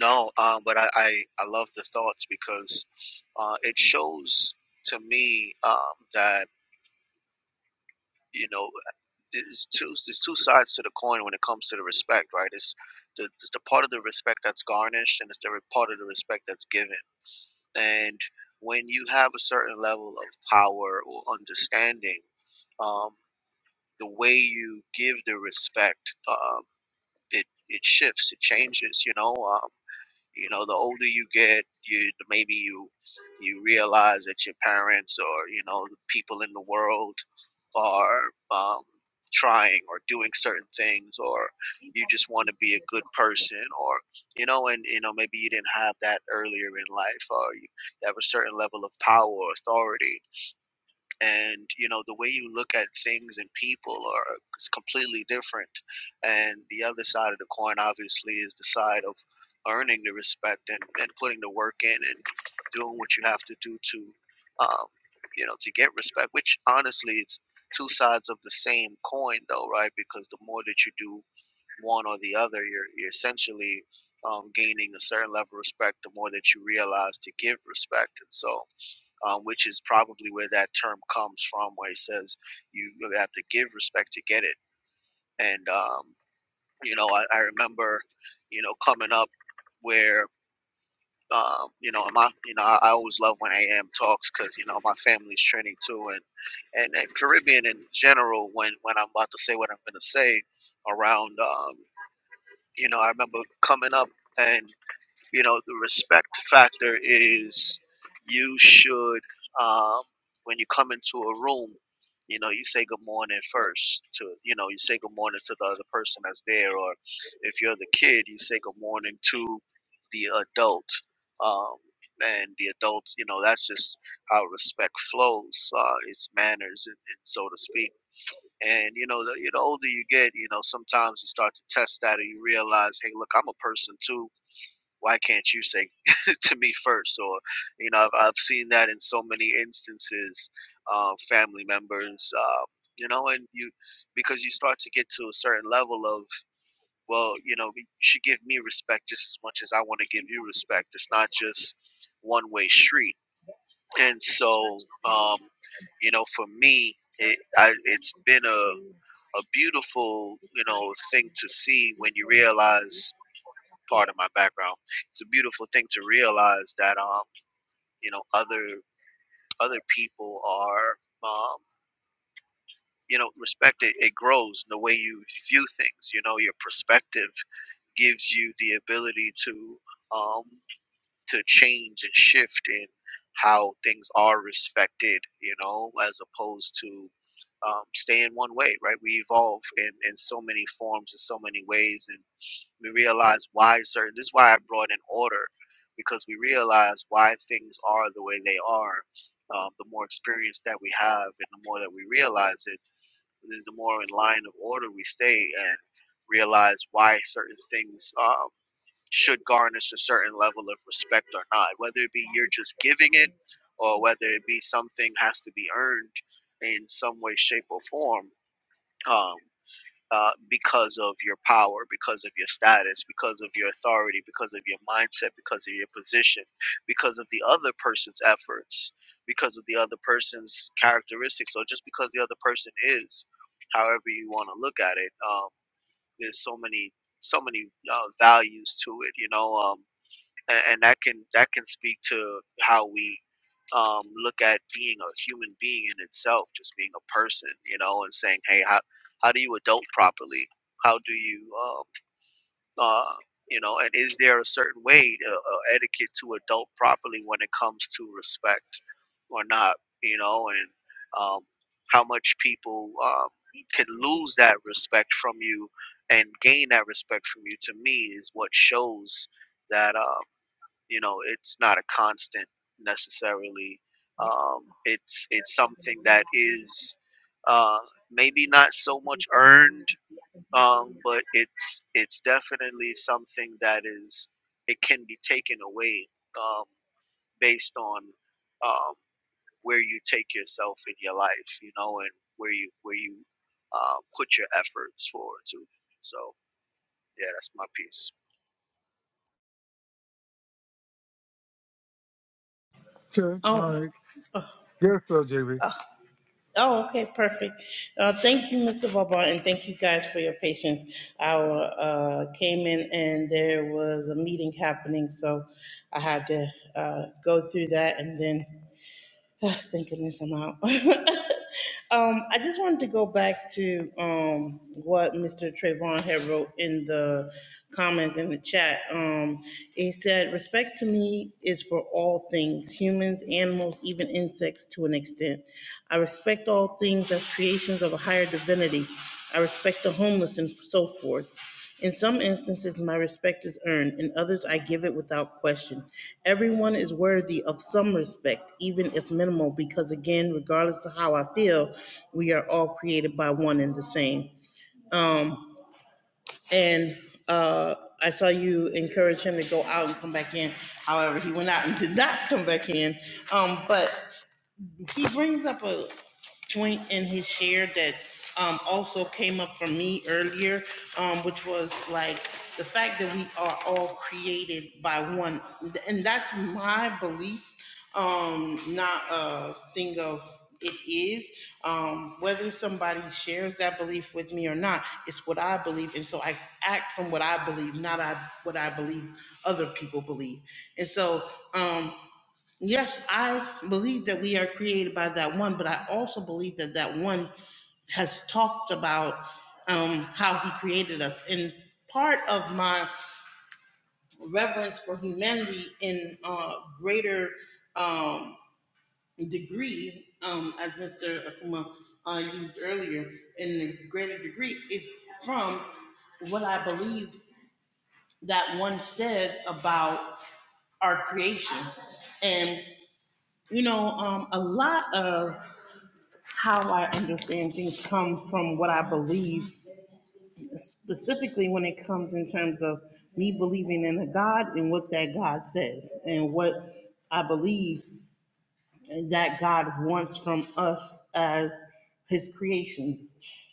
Speaker 3: No, um, but I, I I love the thoughts because uh, it shows to me um that you know there's two there's two sides to the coin when it comes to the respect, right? It's the it's the part of the respect that's garnished, and it's the re- part of the respect that's given. And when you have a certain level of power or understanding, um, the way you give the respect. Um, it it shifts, it changes. You know, um, you know, the older you get, you maybe you you realize that your parents or you know the people in the world are um, trying or doing certain things, or you just want to be a good person, or you know, and you know maybe you didn't have that earlier in life, or you have a certain level of power or authority and you know the way you look at things and people are is completely different and the other side of the coin obviously is the side of earning the respect and, and putting the work in and doing what you have to do to um, you know to get respect which honestly it's two sides of the same coin though right because the more that you do one or the other you're, you're essentially um, gaining a certain level of respect the more that you realize to give respect and so um, which is probably where that term comes from, where he says you have to give respect to get it. And um, you know, I, I remember, you know, coming up where um, you know my you know I, always love when AM talks because you know my family's Trini too, and, and and Caribbean in general. When when I'm about to say what I'm going to say around, um, you know, I remember coming up. and you know the respect factor is you should um, when you come into a room you know you say good morning first to you know you say good morning to the other person that's there or if you're the kid you say good morning to the adult um, and the adults you know that's just how respect flows uh, it's manners and, and so to speak and you know the, the older you get you know sometimes you start to test that and you realize hey look i'm a person too why can't you say to me first or you know i've, I've seen that in so many instances uh, family members uh, you know and you because you start to get to a certain level of well you know you should give me respect just as much as i want to give you respect it's not just one way street and so um, you know for me it, I, it's been a a beautiful you know thing to see when you realize part of my background. It's a beautiful thing to realize that um you know other other people are um you know respected. it, grows the way you view things you know your perspective gives you the ability to um to change and shift in how things are respected you know as opposed to um, stay one way right we evolve in in so many forms in so many ways and. We realize why certain. This is why I brought in order, because we realize why things are the way they are. Um, the more experience that we have, and the more that we realize it, the more in line of order we stay, and realize why certain things um, should garnish a certain level of respect or not. Whether it be you're just giving it, or whether it be something has to be earned in some way, shape, or form. Um, uh, because of your power, because of your status, because of your authority, because of your mindset, because of your position, because of the other person's efforts, because of the other person's characteristics, or just because the other person is, however you want to look at it. Um, there's so many, so many uh, values to it. You know, um, and, and that can that can speak to how we um, look at being a human being in itself, just being a person, you know, and saying, hey, how how do you adult properly? How do you, uh, uh, you know, and is there a certain way uh, uh, etiquette to adult properly when it comes to respect or not, you know, and um, how much people um, can lose that respect from you and gain that respect from you? To me, is what shows that. Um, you know, it's not a constant necessarily. Um, it's it's something that is uh, maybe not so much earned, um, but it's it's definitely something that is it can be taken away um, based on um, where you take yourself in your life, you know, and where you where you uh, put your efforts forward to. So yeah, that's my piece.
Speaker 2: Okay, all
Speaker 1: Oh.
Speaker 2: right. Yes, so JB.
Speaker 1: Oh, okay, perfect. Uh, thank you, Mr. Baba, and thank you guys for your patience. I uh, came in and there was a meeting happening, so I had to uh, go through that and then Oh, Thank goodness I'm out. um, I just wanted to go back to um, what Mr. Trayvon had wrote in the comments in the chat. Um, he said, Respect to me is for all things humans, animals, even insects to an extent. I respect all things as creations of a higher divinity. I respect the homeless and so forth. In some instances, my respect is earned, in others, I give it without question. Everyone is worthy of some respect, even if minimal, because again, regardless of how I feel, we are all created by one and the same. Um, and uh, I saw you encourage him to go out and come back in. However, he went out and did not come back in. Um, but he brings up a point in his share that um, also came up for me earlier, um, which was like the fact that we are all created by one, and that's my belief, um, not a thing of it is. Um, whether somebody shares that belief with me or not, it's what I believe, and so I act from what I believe, not I, what I believe other people believe, and so. Um, Yes, I believe that we are created by that one, but I also believe that that one has talked about um, how he created us. And part of my reverence for humanity in uh, greater um, degree, um, as Mr. Akuma uh, used earlier, in a greater degree, is from what I believe that one says about our creation. and. You know, um, a lot of how I understand things come from what I believe, specifically when it comes in terms of me believing in a God and what that God says and what I believe that God wants from us as his creations.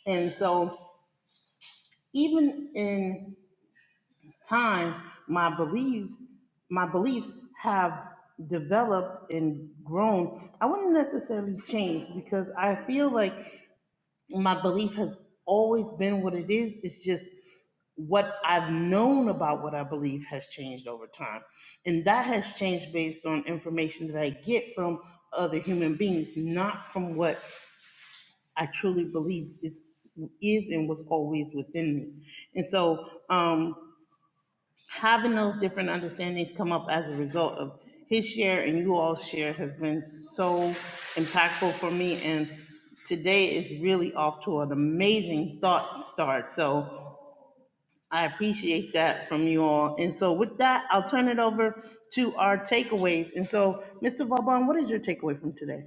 Speaker 1: And so even in time, my beliefs, my beliefs have developed and grown. I wouldn't necessarily change because I feel like my belief has always been what it is. It's just what I've known about what I believe has changed over time. And that has changed based on information that I get from other human beings, not from what I truly believe is is and was always within me. And so um having those different understandings come up as a result of his share and you all's share has been so impactful for me and today is really off to an amazing thought start so i appreciate that from you all and so with that i'll turn it over to our takeaways and so mr vauban what is your takeaway from today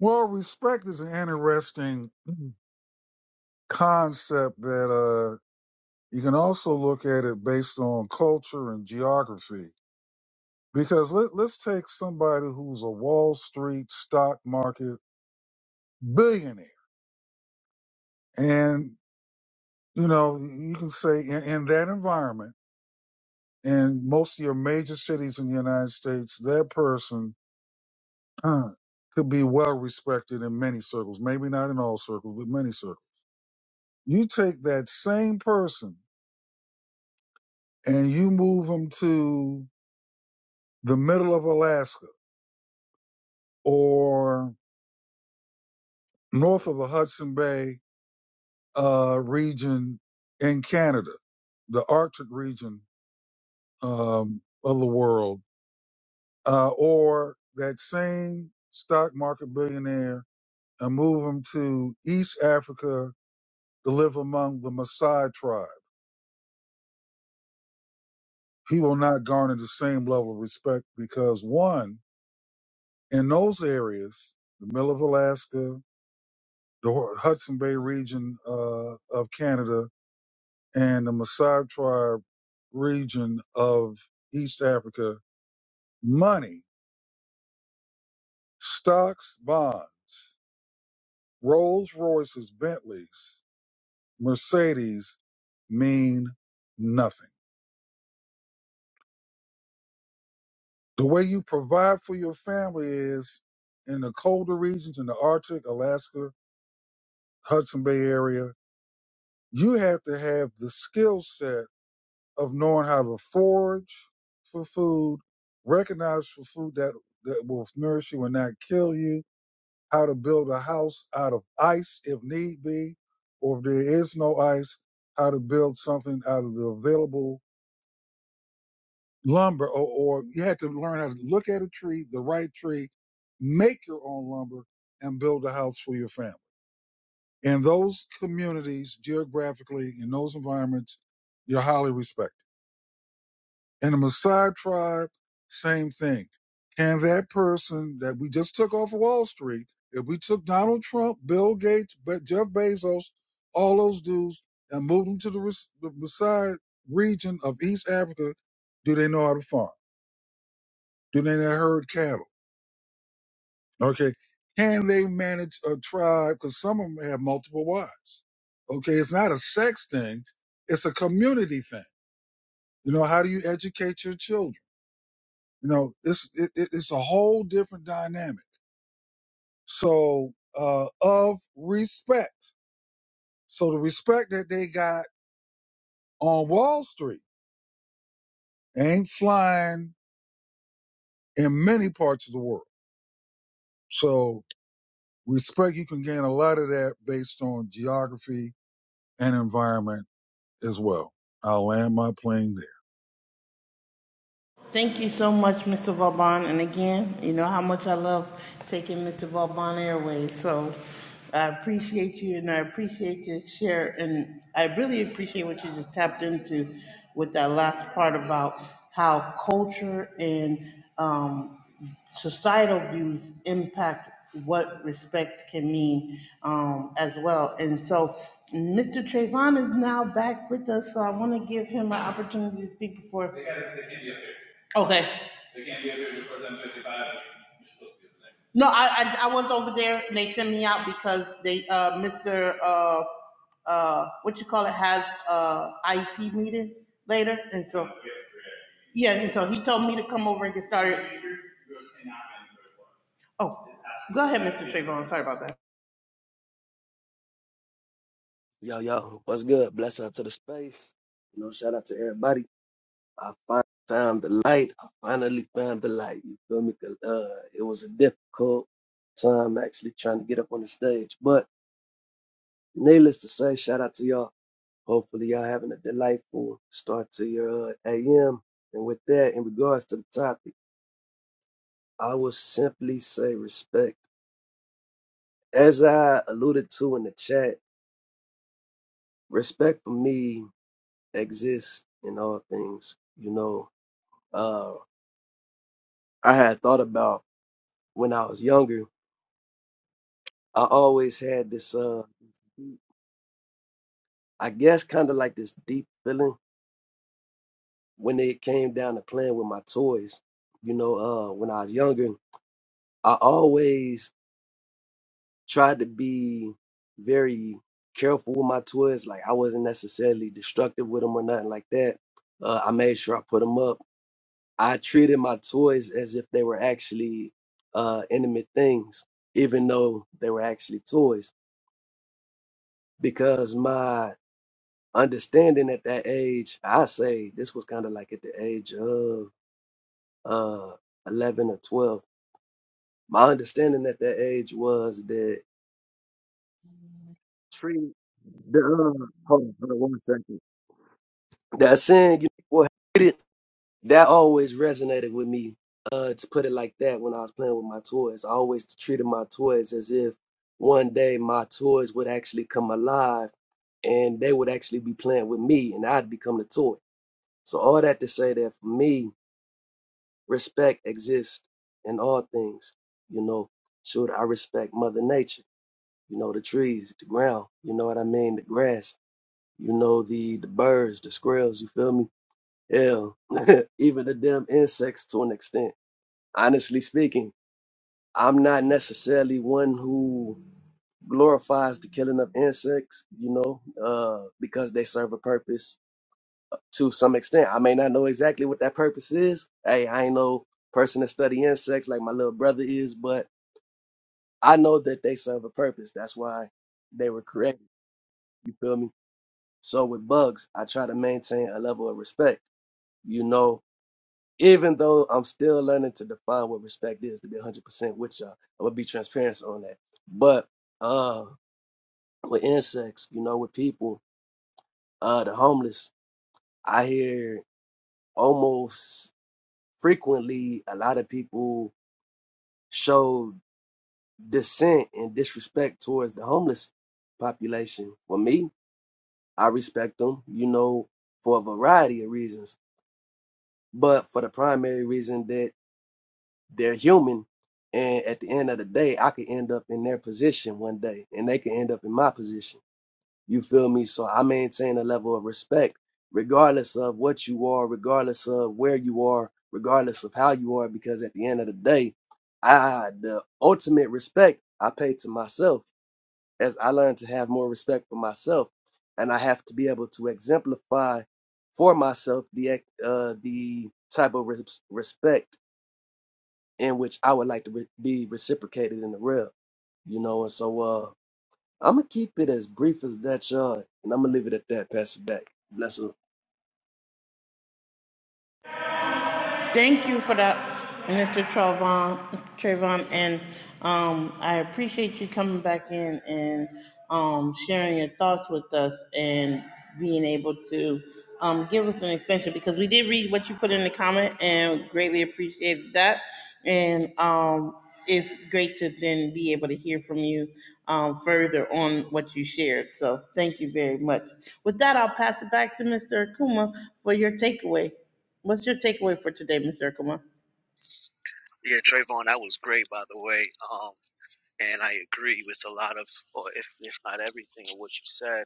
Speaker 2: Well, respect is an interesting concept that uh you can also look at it based on culture and geography. Because let, let's take somebody who's a Wall Street stock market billionaire. And, you know, you can say in, in that environment, in most of your major cities in the United States, that person uh, could be well respected in many circles, maybe not in all circles, but many circles. You take that same person and you move them to the middle of Alaska or north of the Hudson Bay uh, region in Canada, the Arctic region um, of the world, uh, or that same stock market billionaire and move him to East Africa to live among the Maasai tribe. He will not garner the same level of respect because one, in those areas, the middle of Alaska, the Hu- Hudson Bay region uh, of Canada, and the Maasai tribe region of East Africa, money, stocks, bonds, Rolls Royces, Bentleys, Mercedes mean nothing. The way you provide for your family is in the colder regions, in the Arctic, Alaska, Hudson Bay area, you have to have the skill set of knowing how to forage for food, recognize for food that, that will nourish you and not kill you, how to build a house out of ice if need be, or if there is no ice, how to build something out of the available lumber, or, or you had to learn how to look at a tree, the right tree, make your own lumber, and build a house for your family. In those communities, geographically, in those environments, you're highly respected. In the Maasai tribe, same thing. Can that person that we just took off of Wall Street, if we took Donald Trump, Bill Gates, Be- Jeff Bezos, all those dudes, and moved them to the, Ras- the Maasai region of East Africa, do they know how to farm? Do they know how to herd cattle? Okay. Can they manage a tribe? Because some of them have multiple wives. Okay. It's not a sex thing. It's a community thing. You know, how do you educate your children? You know, it's it, it- it's a whole different dynamic. So uh, of respect. So the respect that they got on Wall Street ain't flying in many parts of the world. So respect you can gain a lot of that based on geography and environment as well. I'll land my plane there.
Speaker 1: Thank you so much, Mr. Vauban. And again, you know how much I love taking Mr. Vauban Airways. So I appreciate you and I appreciate your share. And I really appreciate what you just tapped into with that last part about how culture and um, societal views impact what respect can mean um, as well. And so Mr. Trayvon is now back with us, so I want to give him an opportunity to speak before. Okay. No, I, I I was over there. They sent me out because they uh Mr. uh uh what you call it has uh IEP meeting later, and so yeah, and so he told me to come over and get started. Oh, go ahead, Mr. Trayvon. Sorry about that.
Speaker 6: Yo, yo, what's good? Bless out to the space. You know, shout out to everybody. I finally found the light. I finally found the light. You feel me? 'Cause, Uh, it was a difficult time actually trying to get up on the stage. But needless to say, shout out to y'all. Hopefully, y'all having a delightful start to your uh, AM. And with that, in regards to the topic, I will simply say respect. As I alluded to in the chat, respect for me exists in all things. You know, uh, I had thought about when I was younger. I always had this, uh, I guess, kind of like this deep feeling when it came down to playing with my toys. You know, uh, when I was younger, I always tried to be very careful with my toys. Like I wasn't necessarily destructive with them or nothing like that. Uh, I made sure I put them up. I treated my toys as if they were actually uh, intimate things, even though they were actually toys, because my understanding at that age, I say this was kind of like at the age of uh 11 or 12. My understanding at that age was that treat the uh, hold on, hold on one second. That saying, you know, hit it, that always resonated with me. Uh, to put it like that, when I was playing with my toys, I always treated my toys as if one day my toys would actually come alive and they would actually be playing with me and I'd become the toy. So all that to say that for me, respect exists in all things. You know, shoot, I respect Mother Nature. You know, the trees, the ground. You know what I mean? The grass. You know, the the birds, the squirrels. You feel me? Hell, even the damn insects to an extent. Honestly speaking, I'm not necessarily one who glorifies the killing of insects. You know, uh, because they serve a purpose to some extent. I may not know exactly what that purpose is. Hey, I ain't no person that study insects like my little brother is, but I know that they serve a purpose. That's why they were created. You feel me? So with bugs, I try to maintain a level of respect. You know, even though I'm still learning to define what respect is, to be 100% with y'all, I'm gonna be transparent on that. But uh, with insects, you know, with people, uh, the homeless, I hear almost frequently a lot of people showed dissent and disrespect towards the homeless population. For me, I respect them, you know, for a variety of reasons, but for the primary reason that they're human. And at the end of the day, I could end up in their position one day, and they can end up in my position. You feel me? So I maintain a level of respect, regardless of what you are, regardless of where you are, regardless of how you are, because at the end of the day, I the ultimate respect I pay to myself as I learn to have more respect for myself, and I have to be able to exemplify for myself the ex- uh, the type of res- respect in which I would like to re- be reciprocated in the real, you know. And so uh, I'm gonna keep it as brief as that, Sean, and I'm gonna leave it at that. Pass it back. Bless
Speaker 1: Thank you for that, Mr. Trayvon. Trayvon, and um, I appreciate you coming back in and um, sharing your thoughts with us and being able to um, give us an expansion because we did read what you put in the comment and greatly appreciated that. And um, it's great to then be able to hear from you um, further on what you shared. So thank you very much. With that, I'll pass it back to Mr. Akuma for your takeaway. What's your takeaway for today, Mr. Akuma?
Speaker 3: Yeah, Trayvon, that was great, by the way. Um, and I agree with a lot of, or if, if not everything, of what you said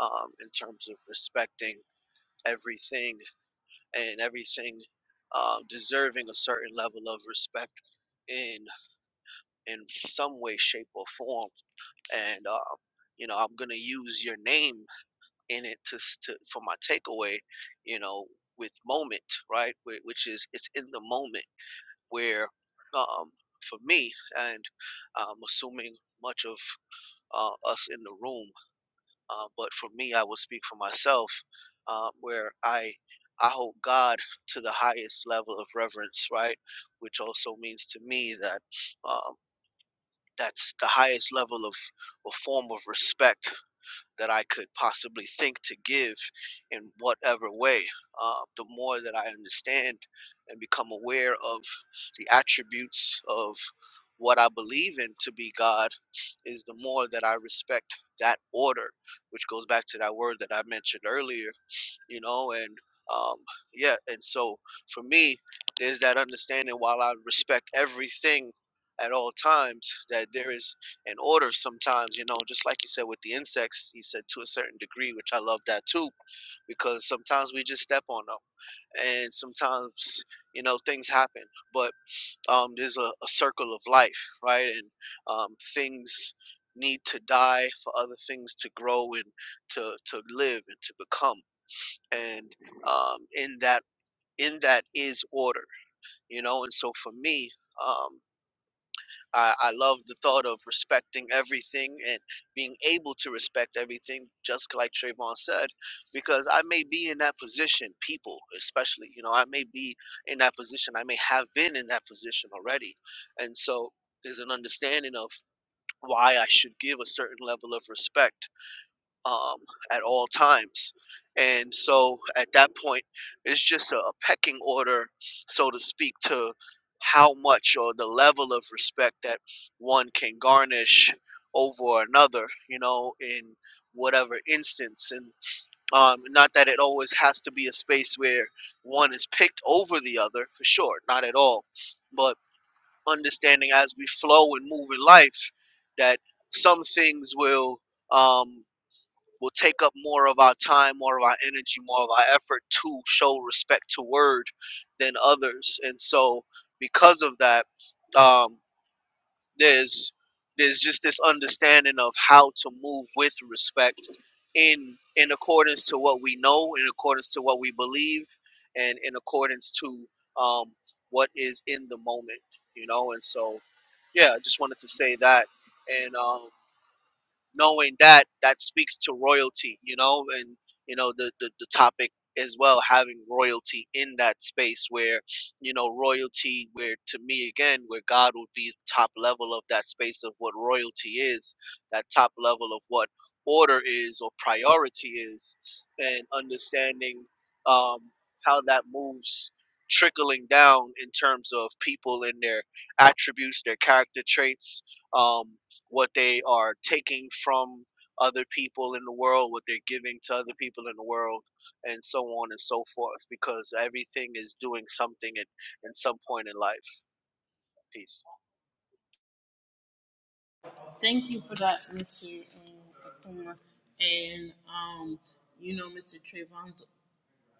Speaker 3: um, in terms of respecting everything and everything um, deserving a certain level of respect in in some way, shape, or form. And um, you know, I'm gonna use your name in it to, s- to for my takeaway. You know, with moment, right? Wh- Which is it's in the moment where, um, for me, and I'm assuming much of uh, us in the room. Uh, but for me, I will speak for myself, uh, where I I hold God to the highest level of reverence, right? Which also means to me that um, that's the highest level of a form of respect that I could possibly think to give in whatever way. Um, the more that I understand and become aware of the attributes of what I believe in to be God, is the more that I respect that order, which goes back to that word that I mentioned earlier you know and um yeah and so for me there's that understanding while i respect everything at all times that there is an order sometimes you know just like you said with the insects you said to a certain degree which i love that too because sometimes we just step on them and sometimes you know things happen but um there's a, a circle of life right and um things need to die for other things to grow and to to live and to become and um, in that in that is order you know and so for me um, I, I love the thought of respecting everything and being able to respect everything just like Trayvon said because I may be in that position people especially you know I may be in that position I may have been in that position already and so there's an understanding of why I should give a certain level of respect um, at all times. And so at that point, it's just a, a pecking order, so to speak, to how much or the level of respect that one can garnish over another, you know, in whatever instance. And um, not that it always has to be a space where one is picked over the other, for sure, not at all. But understanding as we flow and move in life that some things will. Um, will take up more of our time, more of our energy, more of our effort to show respect to word than others. And so, because of that, um, there's there's just this understanding of how to move with respect in in accordance to what we know, in accordance to what we believe, and in accordance to um, what is in the moment, you know. And so, yeah, I just wanted to say that. And um, knowing that that speaks to royalty you know and you know the the, the topic as well having royalty in that space where you know royalty where to me again where god would be the top level of that space of what royalty is that top level of what order is or priority is and understanding um how that moves trickling down in terms of people and their attributes their character traits um what they are taking from other people in the world, what they're giving to other people in the world, and so on and so forth, because everything is doing something at, at some point in life. Peace.
Speaker 1: Thank you for that, Mr. um, Akuma. And, um, you know, Mr. Trayvon's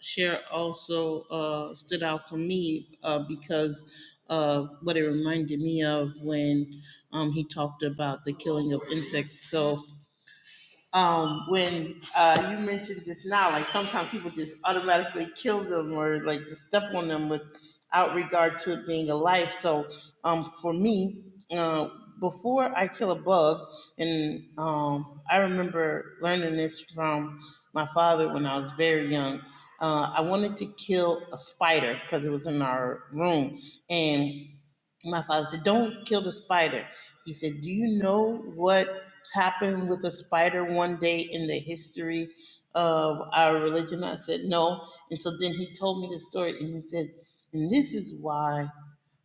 Speaker 1: share also uh, stood out for me uh, because of what it reminded me of when um, he talked about the killing of insects. So um, when uh, you mentioned just now, like sometimes people just automatically kill them or like just step on them without regard to it being a life. So um, for me, uh, before I kill a bug, and um, I remember learning this from my father when I was very young. Uh, I wanted to kill a spider because it was in our room, and my father said, Don't kill the spider. He said, Do you know what happened with a spider one day in the history of our religion? I said, No. And so then he told me the story and he said, And this is why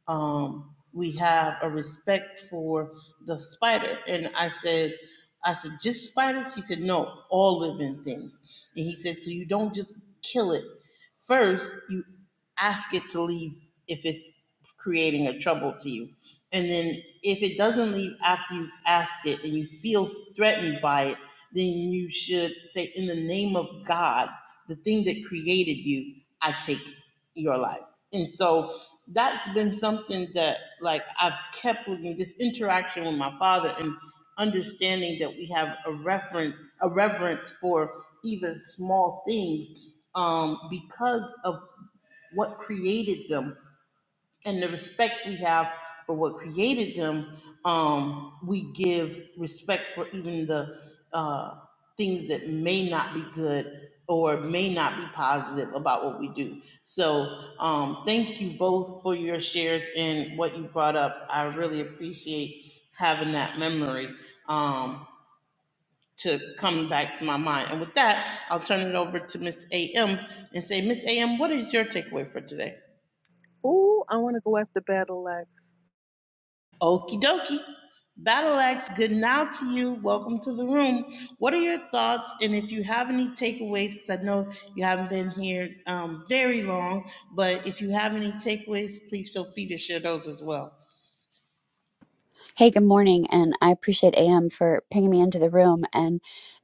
Speaker 1: um, we have a respect for the spider. And I said, I said, just spiders? She said, no, all living things. And he said, so you don't just kill it. First, you ask it to leave if it's creating a trouble to you. And then if it doesn't leave after you've asked it and you feel threatened by it, then you should say, in the name of God, the thing that created you, I take your life. And so that's been something that like I've kept with me this interaction with my father and understanding that we have a reverent a reverence for even small things um, because of what created them and the respect we have for what created them, um, we give respect for even the uh, things that may not be good or may not be positive about what we do. So, um, thank you both for your shares and what you brought up. I really appreciate having that memory um, to come back to my mind. And with that, I'll turn it over to Miss AM and say, Miss AM, what is your takeaway for today?
Speaker 4: Ooh, I want to go after Battle Axe.
Speaker 1: Okie dokie. Battle Axe, good now to you. Welcome to the room. What are your thoughts? And if you have any takeaways, because I know you haven't been here um, very long, but if you have any takeaways, please feel free to share those as well.
Speaker 7: Hey, good morning, and I appreciate AM for pinging me into the room. And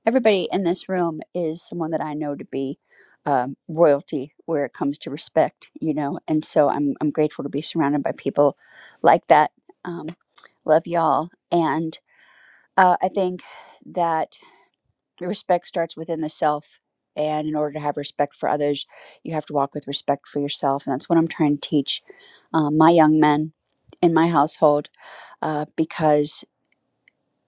Speaker 7: everybody in this room is someone that I know to be um, royalty where it comes to respect, you know. And so I'm I'm grateful to be surrounded by people like that. Um, love y'all, and uh, I think that respect starts within the self. And in order to have respect for others, you have to walk with respect for yourself, and that's what I'm trying to teach um, my young men in my household uh, because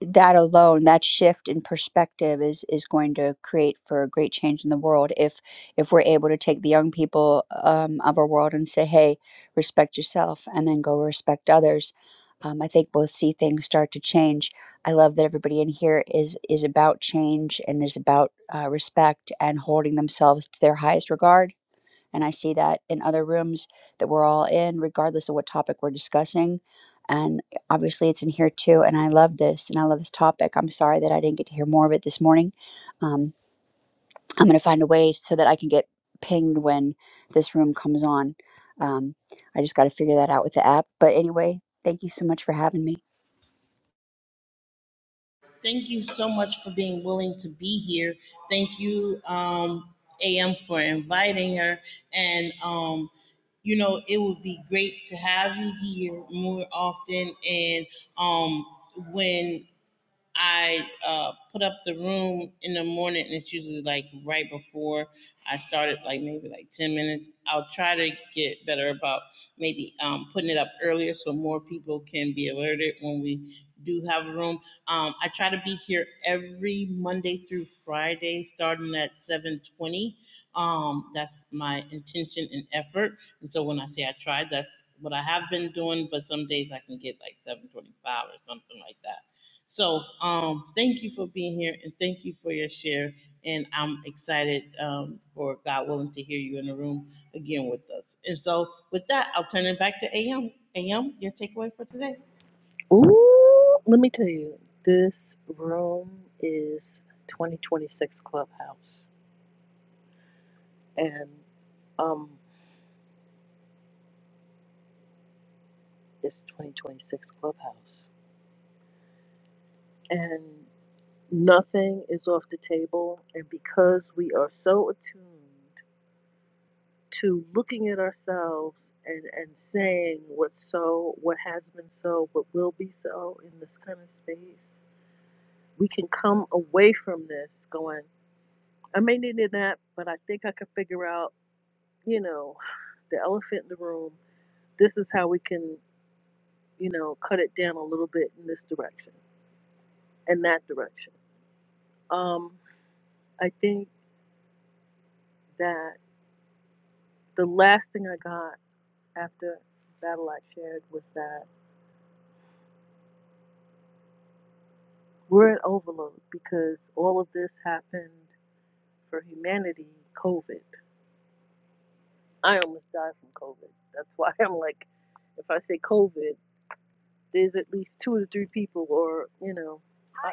Speaker 7: that alone that shift in perspective is is going to create for a great change in the world if if we're able to take the young people um, of our world and say hey respect yourself and then go respect others um, i think we'll see things start to change i love that everybody in here is is about change and is about uh, respect and holding themselves to their highest regard and I see that in other rooms that we're all in, regardless of what topic we're discussing. And eh, obviously, it's in here too. And I love this and I love this topic. I'm sorry that I didn't get to hear more of it this morning. Um, I'm going to find a way so that I can get pinged when this room comes on. Um, I just got to figure that out with the app. But anyway, thank you so much for having me.
Speaker 1: Thank you so much for being willing to be here. Thank you, um, AM, for inviting her. And um, you know, it would be great to have you here more often. And um, when I uh, put up the room in the morning, and it's usually like right before I started, like maybe like 10 minutes. I'll try to get better about maybe um, putting it up earlier so more people can be alerted when we do have a room. Um, I try to be here every Monday through Friday, starting at 7:20. Um, that's my intention and effort. And so when I say I tried, that's what I have been doing. But some days I can get like 7:25 or something like that. So um, thank you for being here and thank you for your share. And I'm excited um, for God willing to hear you in the room again with us. And so with that, I'll turn it back to AM. AM, your takeaway for today.
Speaker 4: Ooh, let me tell you, this room is 2026 Clubhouse. And um, it's 2026 Clubhouse. And nothing is off the table. And because we are so attuned to looking at ourselves and, and saying what's so, what has been so, what will be so in this kind of space, we can come away from this going, I may need that, but I think I can figure out, you know, the elephant in the room. This is how we can, you know, cut it down a little bit in this direction and that direction. Um, I think that the last thing I got after Battle I shared was that we're at overload because all of this happened for humanity, COVID. I almost died from COVID. That's why I'm like, if I say COVID, there's at least two or three people, or you know, I,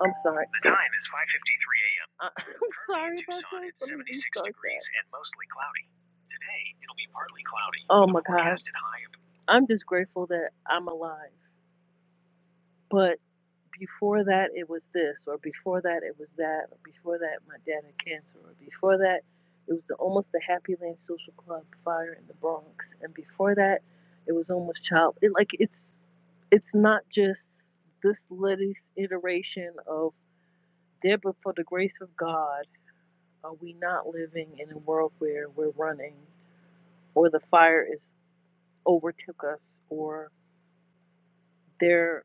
Speaker 4: I'm sorry, The time is 5:53 a.m. I, I'm Currently in sorry about Tucson, that. it's 76 degrees and mostly cloudy. Today, it'll be partly cloudy. Oh my God, I'm just grateful that I'm alive. But before that, it was this, or before that, it was that, or before that, my dad had cancer, or before that, it was the, almost the Happy Land Social Club fire in the Bronx, and before that, it was almost child. It, like it's, it's not just this latest iteration of there, but for the grace of God, are we not living in a world where we're running, or the fire is overtook us, or they're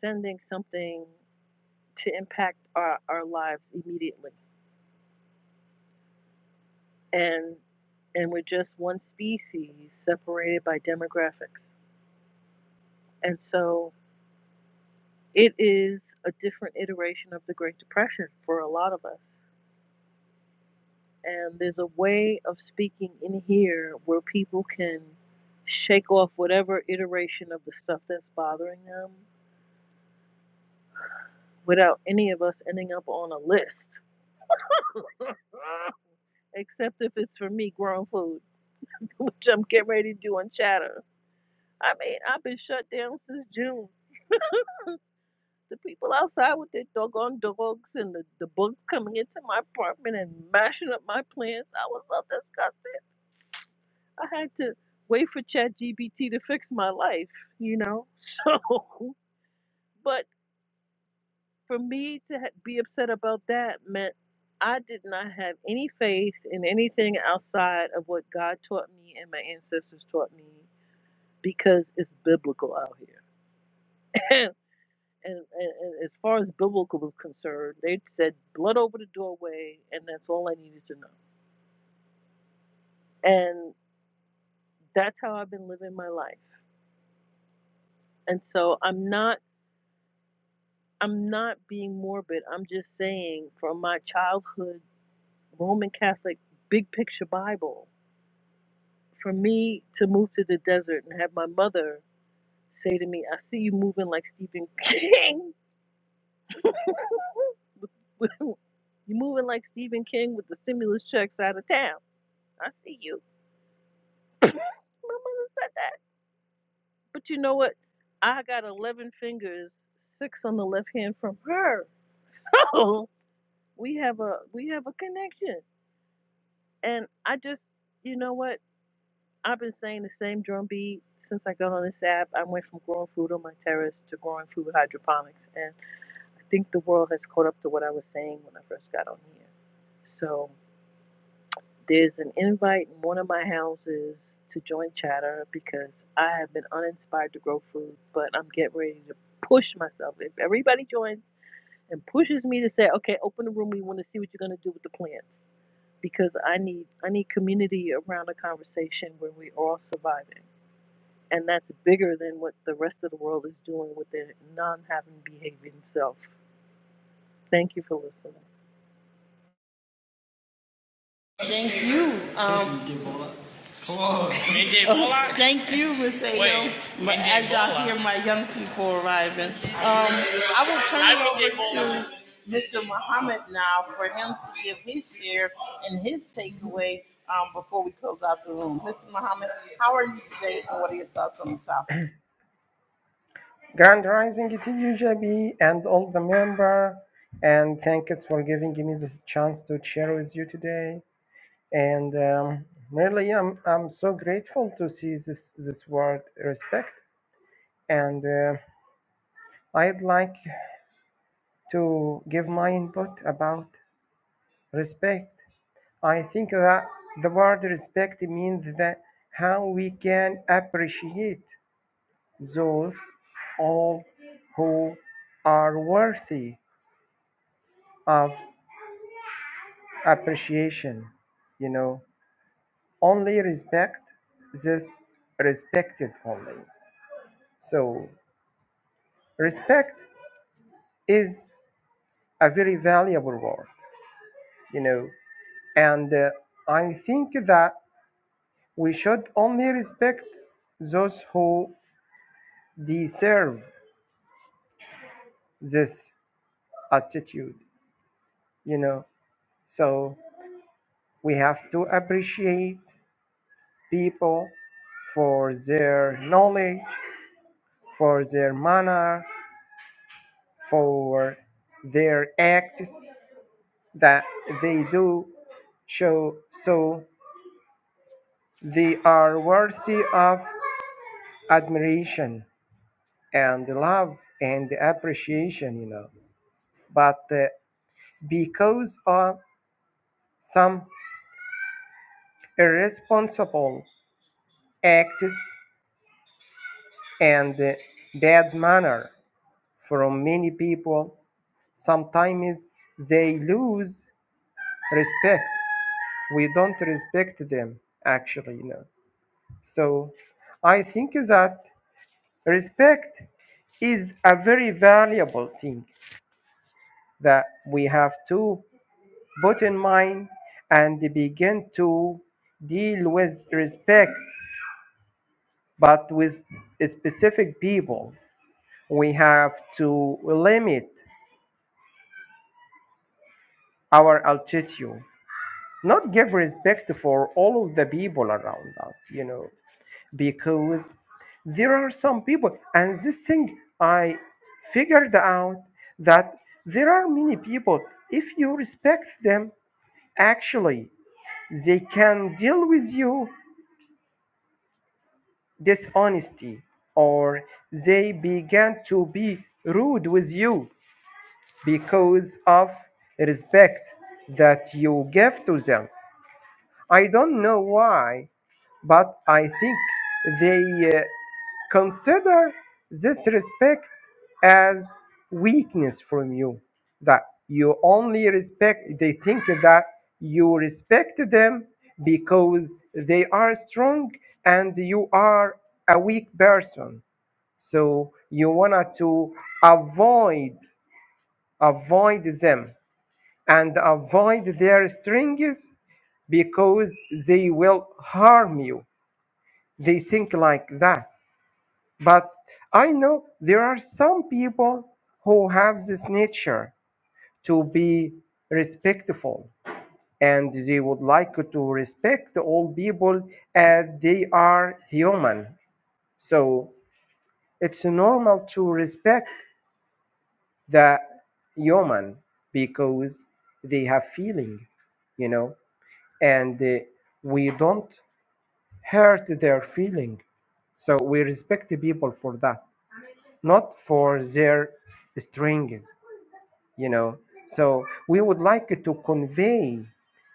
Speaker 4: sending something to impact our, our lives immediately. And and we're just one species separated by demographics. And so it is a different iteration of the Great Depression for a lot of us. And there's a way of speaking in here where people can shake off whatever iteration of the stuff that's bothering them without any of us ending up on a list. Except if it's for me, grown food, which I'm getting ready to do on Chatter. I mean, I've been shut down since June. The people outside with their doggone dogs and the, the bugs coming into my apartment and mashing up my plants. I was so disgusted. I had to wait for ChatGPT to fix my life, you know? So, but for me to ha- be upset about that meant I did not have any faith in anything outside of what God taught me and my ancestors taught me because it's biblical out here. and, and, and as far as biblical was concerned, they said blood over the doorway, and that's all I needed to know. And that's how I've been living my life. And so I'm not I'm not being morbid. I'm just saying from my childhood Roman Catholic big picture Bible, for me to move to the desert and have my mother say to me, I see you moving like Stephen King. you moving like Stephen King with the stimulus checks out of town. I see you. My mother said that. But you know what? I got 11 fingers, six on the left hand from her. So we have a we have a connection. And I just, you know what? I've been saying the same drum beat since I got on this app. I went from growing food on my terrace to growing food with hydroponics, and I think the world has caught up to what I was saying when I first got on here. So There's an invite in one of my houses to join Chatter because I have been uninspired to grow food, but I'm getting ready to push myself. If everybody joins and pushes me to say, "Okay, open the room. We want to see what you're going to do with the plants," because I need I need community around a conversation where we are all surviving, and that's bigger than what the rest of the world is doing with their non-having behaving self. Thank you for listening.
Speaker 1: Thank you. Um, Whoa. Is it Bullock? Thank you, Ms. Ayo. As y'all hear my young people arriving, um, I will turn it over to Mr. Muhammad now for him to give his share and his takeaway um, before we close out the room. Mr. Muhammad, how are you today and what are your thoughts on the topic?
Speaker 8: Grand Rising to you, JB, and all the member, and thank you for giving me this chance to share with you today. And um, really, I'm I'm so grateful to see this this word respect, and uh, I'd like to give my input about respect. I think that the word respect means that how we can appreciate those all who are worthy of appreciation, you know, only respect this respected only. So respect is a very valuable word, you know, and uh, I think that we should only respect those who deserve this attitude, you know. So we have to appreciate people for their knowledge, for their manner, for their acts that they do show so they are worthy of admiration and love and appreciation you know but uh, because of some irresponsible acts and uh, bad manner from many people sometimes they lose respect we don't respect them actually you know. So I think that respect is a very valuable thing that we have to put in mind and begin to deal with respect, but with specific people. We have to limit our altitude, not give respect for all of the people around us, you know. because there are some people and this thing i figured out that there are many people if you respect them actually they can deal with you dishonesty or they began to be rude with you because of respect that you give to them i don't know why but i think they uh, Consider this respect as weakness from you, that you only respect, they think that you respect them because they are strong and you are a weak person. So you want to avoid, avoid them and avoid their strengths because they will harm you. They think like that. But I know there are some people who have this nature to be respectful and they would like to respect all people as they are human. So it's normal to respect the human because they have feeling, you know, and uh, we don't hurt their feeling. So we respect the people for that, not for their strengths. you know so we would like to convey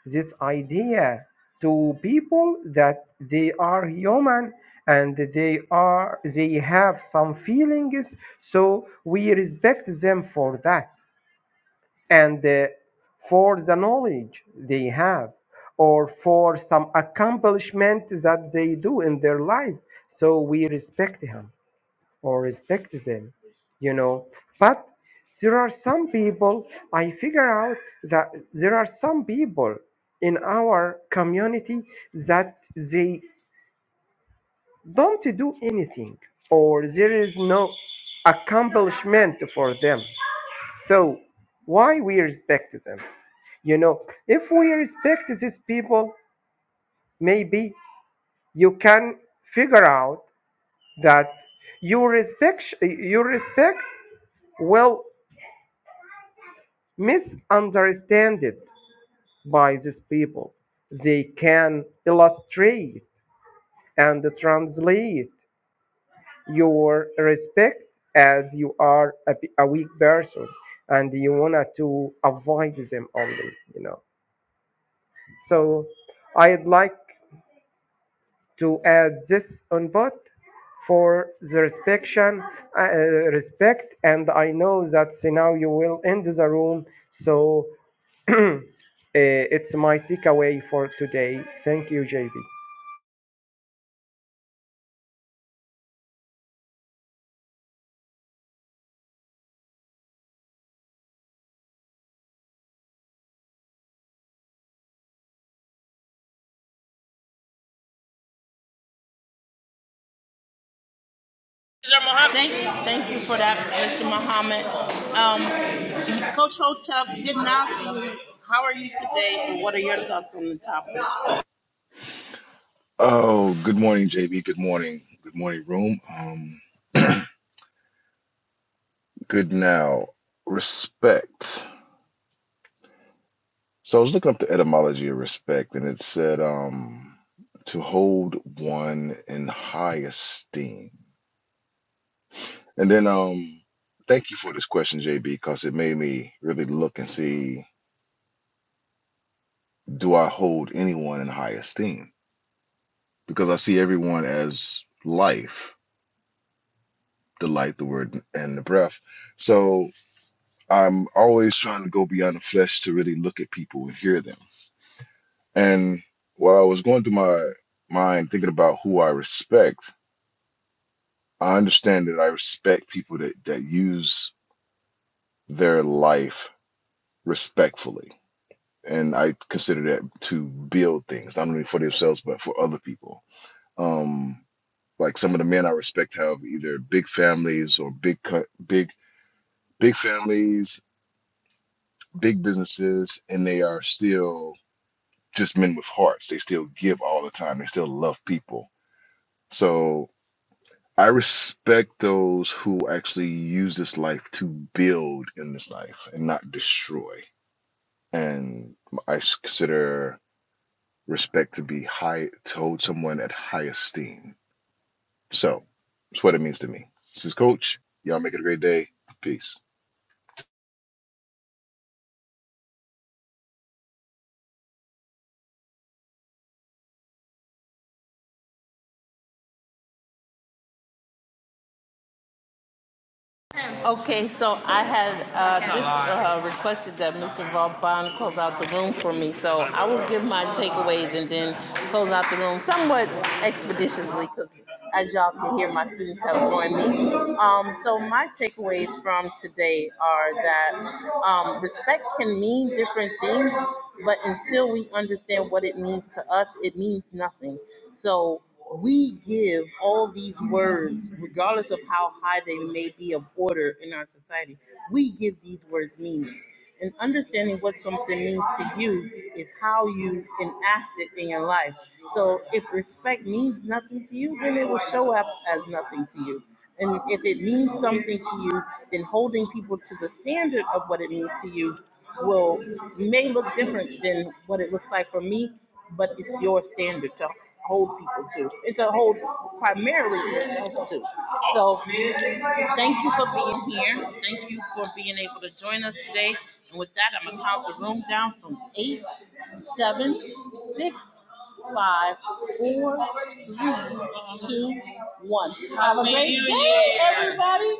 Speaker 8: this idea to people that they are human and they are they have some feelings so we respect them for that and uh, for the knowledge they have or for some accomplishment that they do in their life so we respect him or respect them, you know. But there are some people, I figure out that there are some people in our community that they don't do anything or there is no accomplishment for them. So why we respect them? You know, if we respect these people, maybe you can figure out that you respect you respect well misunderstood by these people. They can illustrate and translate your respect as you are a a weak person and you wanna to avoid them only, you know. So I'd like to add this input for the respection, uh, respect, and I know that now you will end the room. So Eh, it's my takeaway for today. Thank you, JB.
Speaker 1: Thank, you, thank you for that, Mr. Muhammad. Um, Coach Hotep, getting out to you. How are you today and what are your thoughts on the topic?
Speaker 9: Oh, good morning, JB. Good morning. Good morning, room. Um, good now. Respect. So I was looking up the etymology of respect, and it said um to hold one in high esteem. And then um thank you for this question, JB, because it made me really look and see do I hold anyone in high esteem? Because I see everyone as life, the light, the word, and the breath. So I'm always trying to go beyond the flesh to really look at people and hear them. And while I was going through my mind thinking about who I respect, I understand that I respect people that, that use their life respectfully. And I consider that to build things, not only for themselves, but for other people. Um, like some of the men I respect have either big families or big, co- big, big families, big businesses, and they are still just men with hearts. They still give all the time. They still love people. So I respect those who actually use this life to build in this life and not destroy. And I s- consider respect to be high, to hold someone at high esteem. So that's what it means to me. This is Coach. Y'all make it a great day. Peace.
Speaker 1: Okay, so I had uh, just uh, requested that Mr. Vaughn close out the room for me, so I will give my takeaways and then close out the room somewhat expeditiously, because as y'all can hear, my students have joined me. Um, so my takeaways from today are that um, respect can mean different things, but until we understand what it means to us, it means nothing. So we give all these words, regardless of how high they may be of order in our society, we give these words meaning. And understanding what something means to you is how you enact it in your life. So if respect means nothing to you, then it will show up as nothing to you. And if it means something to you, then holding people to the standard of what it means to you will may look different than what it looks like for me, but it's your standard to hold people to. It's a hold primarily yourself to. So thank you for being here. Thank you for being able to join us today. And with that, I'm gonna count the room down from eight, seven, six, five, four, three, two, one. Have a great day, everybody.